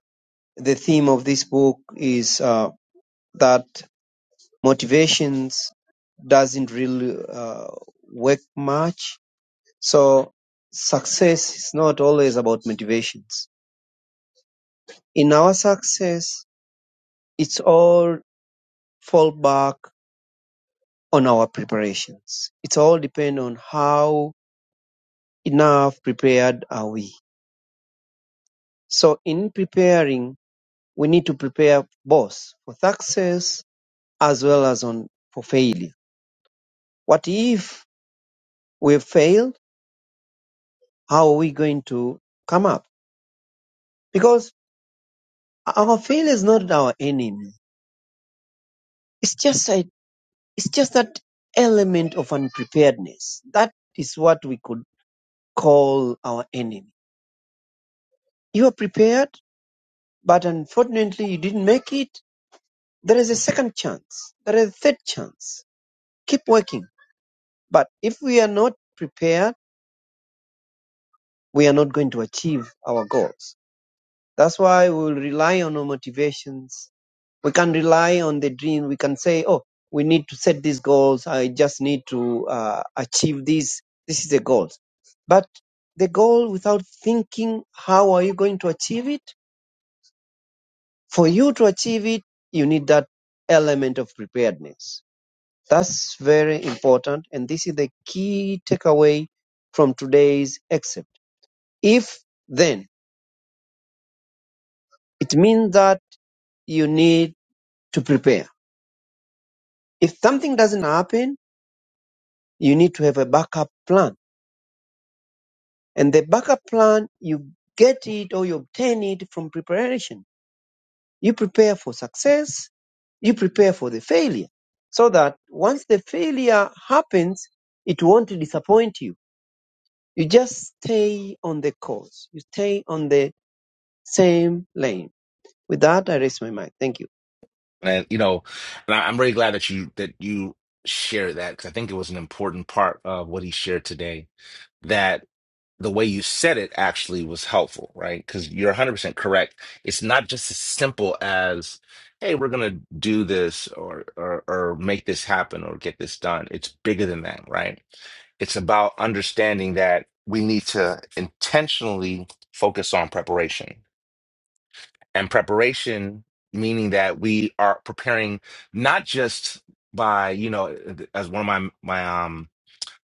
the theme of this book is uh, that motivations doesn't really uh, work much. So success is not always about motivations. In our success, it's all fall back on our preparations. It's all depend on how enough prepared are we. So in preparing We need to prepare both for success as well as on for failure. What if we fail? How are we going to come up? Because our failure is not our enemy. It's just a, it's just that element of unpreparedness. That is what we could call our enemy. You are prepared, but unfortunately you didn't make it. There is a second chance. There is a third chance. Keep working. But if we are not prepared, we are not going to achieve our goals. That's why we will rely on our motivations. We can rely on the dream. We can say, oh, we need to set these goals. I just need to uh, achieve this. This is the goals. But the goal without thinking, how are you going to achieve it? For you to achieve it, you need that element of preparedness. That's very important. And this is the key takeaway from today's excerpt. If then, it means that you need to prepare. If something doesn't happen, you need to have a backup plan. And the backup plan, you get it or you obtain it from preparation. You prepare for success, you prepare for the failure, so that once the failure happens, it won't disappoint you. You just stay on the course, you stay on the same lane. With that, I raise my mic. Thank you. And you know, and I, I'm really glad that you that you shared that because I think it was an important part of what he shared today. That. the way you said it actually was helpful, right? Because you're 100% correct. It's not just as simple as, hey, we're going to do this or, or, or make this happen or get this done. It's bigger than that, right? It's about understanding that we need to intentionally focus on preparation and preparation, meaning that we are preparing not just by, you know, as one of my, my, um,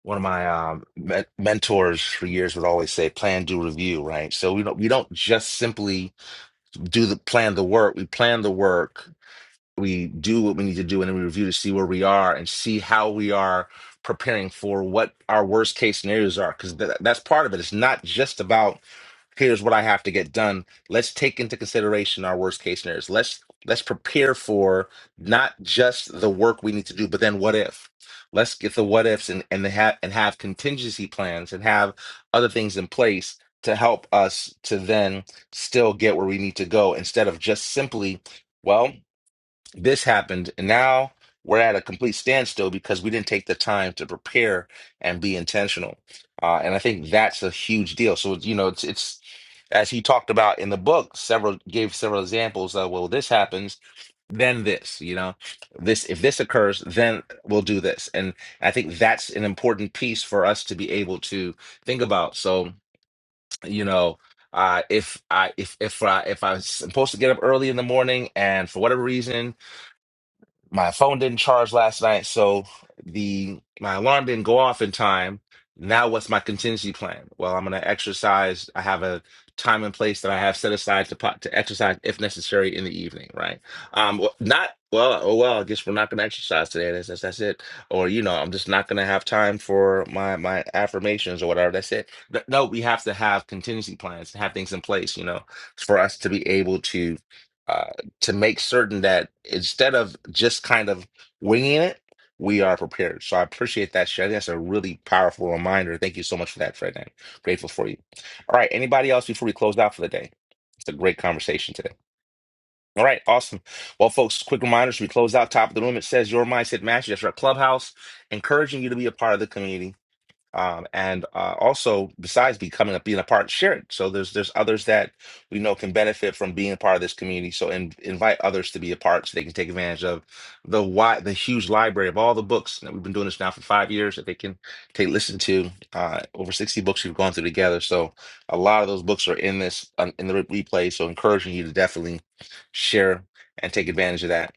one of my um, men mentors for years would always say plan do review right so we don't we don't just simply do the plan the work we plan the work we do what we need to do and then we review to see where we are and see how we are preparing for what our worst case scenarios are because that's part of it it's not just about here's what I have to get done. Let's take into consideration our worst case scenarios. Let's let's prepare for not just the work we need to do, but then what if? Let's get the what ifs and and have and have contingency plans and have other things in place to help us to then still get where we need to go instead of just simply, well this happened and now we're at a complete standstill because we didn't take the time to prepare and be intentional uh, and i think that's a huge deal so you know it's it's as he talked about in the book several gave several examples of well this happens then this you know this if this occurs then we'll do this and i think that's an important piece for us to be able to think about so you know uh, if I if if I if I'm supposed to get up early in the morning and for whatever reason my phone didn't charge last night, so the my alarm didn't go off in time. Now what's my contingency plan? Well, I'm going to exercise. I have a time and place that I have set aside to po- to exercise if necessary in the evening, right? Um wh- not well, oh well, I guess we're not going to exercise today. That's, that's that's it. Or you know, I'm just not going to have time for my my affirmations or whatever. That's it. But no, we have to have contingency plans, have things in place, you know, for us to be able to uh, to make certain that instead of just kind of winging it, we are prepared. So I appreciate that, Shed. That's a really powerful reminder. Thank you so much for that, Fred. I'm grateful for you. All right. Anybody else before we close out for the day? It's a great conversation today. All right, awesome. Well, folks, quick reminders. We close out top of the room. It says your mindset mastery. That's our clubhouse, encouraging you to be a part of the community um, and uh, also besides becoming a being a part share it. so there's there's others that we know can benefit from being a part of this community so in, invite others to be a part so they can take advantage of the wide the huge library of all the books that we've been doing this now for five years that they can take listen to uh, over 60 books we've gone through together so a lot of those books are in this um, in the re- replay so encouraging you to definitely share and take advantage of that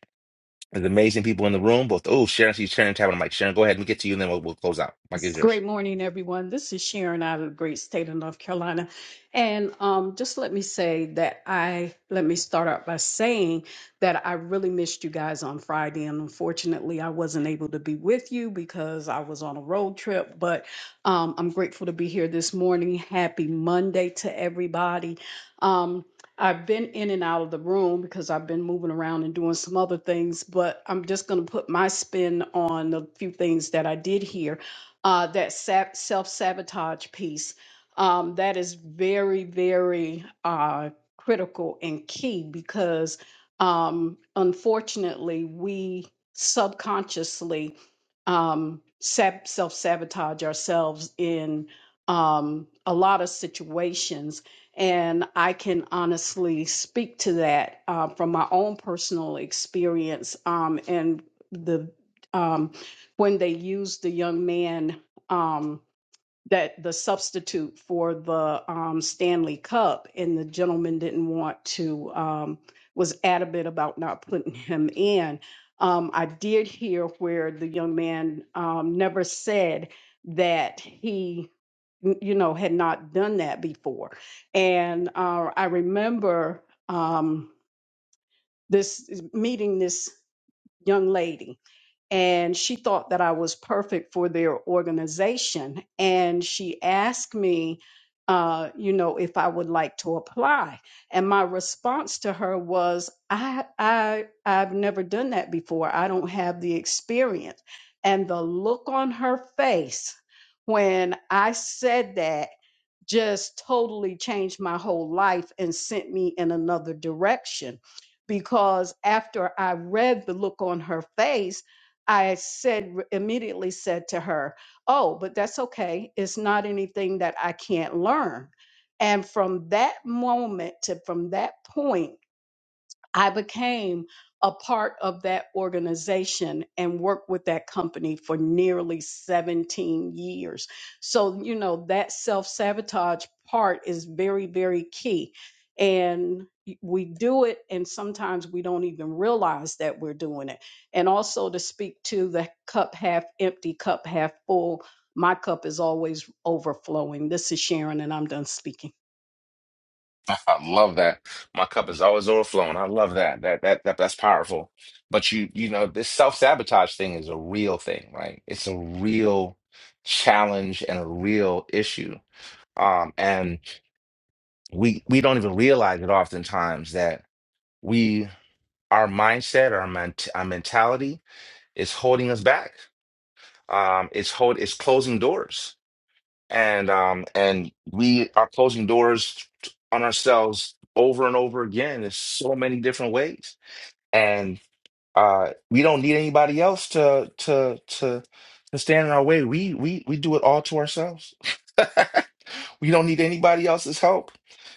there's amazing people in the room both oh sharon she's sharon tapping on mike sharon go ahead and get to you and then we'll, we'll close out mike is Yes. yours Great morning, everyone. This is Sharon out of the great state of North Carolina. And um, just let me say that I, let me start out by saying that I really missed you guys on Friday. And unfortunately, I wasn't able to be with you because I was on a road trip. But um, I'm grateful to be here this morning. Happy Monday to everybody. Um, I've been in and out of the room because I've been moving around and doing some other things, but I'm just going to put my spin on the few things that I did hear uh, that sab- self-sabotage piece um, that is very very uh, critical and key because um, unfortunately we subconsciously um, sab- self-sabotage ourselves in um, a lot of situations and i can honestly speak to that uh, from my own personal experience um, and the um, when they used the young man um, that the substitute for the um, Stanley Cup, and the gentleman didn't want to um, was adamant about not putting him in. Um, I did hear where the young man um, never said that he, you know, had not done that before, and uh, I remember um, this meeting this young lady and she thought that I was perfect for their organization. And she asked me, uh, you know, if I would like to apply. And my response to her was, I, I, I've never done that before. I don't have the experience. And the look on her face when I said that just totally changed my whole life and sent me in another direction. Because after I read the look on her face, I said immediately said to her, "Oh, but that's okay. It's not anything that I can't learn." And from that moment to from that point I became a part of that organization and worked with that company for nearly 17 years. So, you know, that self sabotage part is very, very key. And we do it, and sometimes we don't even realize that we're doing it. And also to speak to the cup half empty, cup half full, my cup is always overflowing. This is Sharon, and I'm done speaking. I love that. My cup is always overflowing. I love that. That that, that that's powerful. But you you know this self sabotage thing is a real thing, right? It's a real challenge and a real issue. Um, and we we don't even realize it oftentimes that we our mindset our, ment- our mentality is holding us back. Um, it's hold it's closing doors and um and we are closing doors on ourselves over and over again in so many different ways and uh we don't need anybody else to to to to stand in our way we we we do it all to ourselves we don't need anybody else's help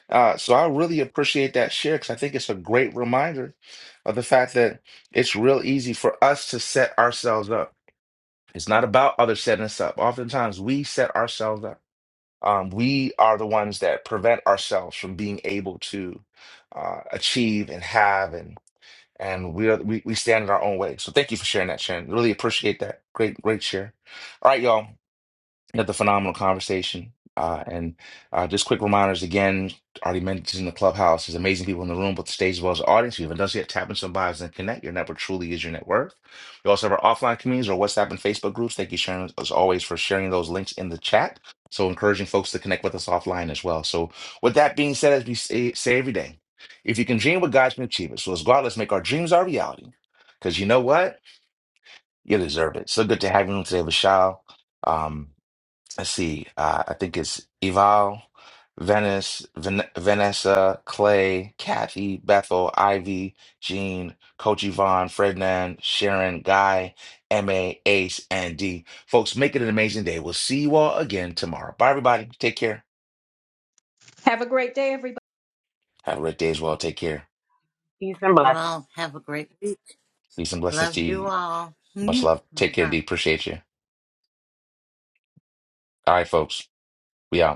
uh so i really appreciate that share because i think it's a great reminder of the fact that it's real easy for us to set ourselves up it's not about others setting us up oftentimes we set ourselves up um, we are the ones that prevent ourselves from being able to uh, achieve and have and and we, are, we we stand in our own way. So thank you for sharing that, Sharon. Really appreciate that. Great, great share. All right, y'all. Another phenomenal conversation. Uh, and uh, just quick reminders again, already mentioned the clubhouse. There's amazing people in the room, both the stage as well as the audience. If you haven't done so yet, tap into some bios and connect. Your network truly is your net worth. We also have our offline communities or WhatsApp and Facebook groups. Thank you, Sharon, as always, for sharing those links in the chat. So encouraging folks to connect with us offline as well. So with that being said, as we say, say every day, if you can dream what God can achieve it. So let's go out, let's make our dreams our reality. Because you know what? You deserve it. So good to have you on today, Vishal. Um, let's see, uh, I think it's Eval, Venice, Ven- Vanessa, Clay, Kathy, Bethel, Ivy, Jean, Coach Yvonne, Ferdinand, Sharon, Guy, MA, Ace, and D. Folks, make it an amazing day. We'll see you all again tomorrow. Bye, everybody. Take care. Have a great day, everybody. Have a great day as well. Take care. Peace and You blessings. all have a great week. Peace and blessings Love to you you. all. Much Bye love. Take care, D. Appreciate you. All right, folks. We out.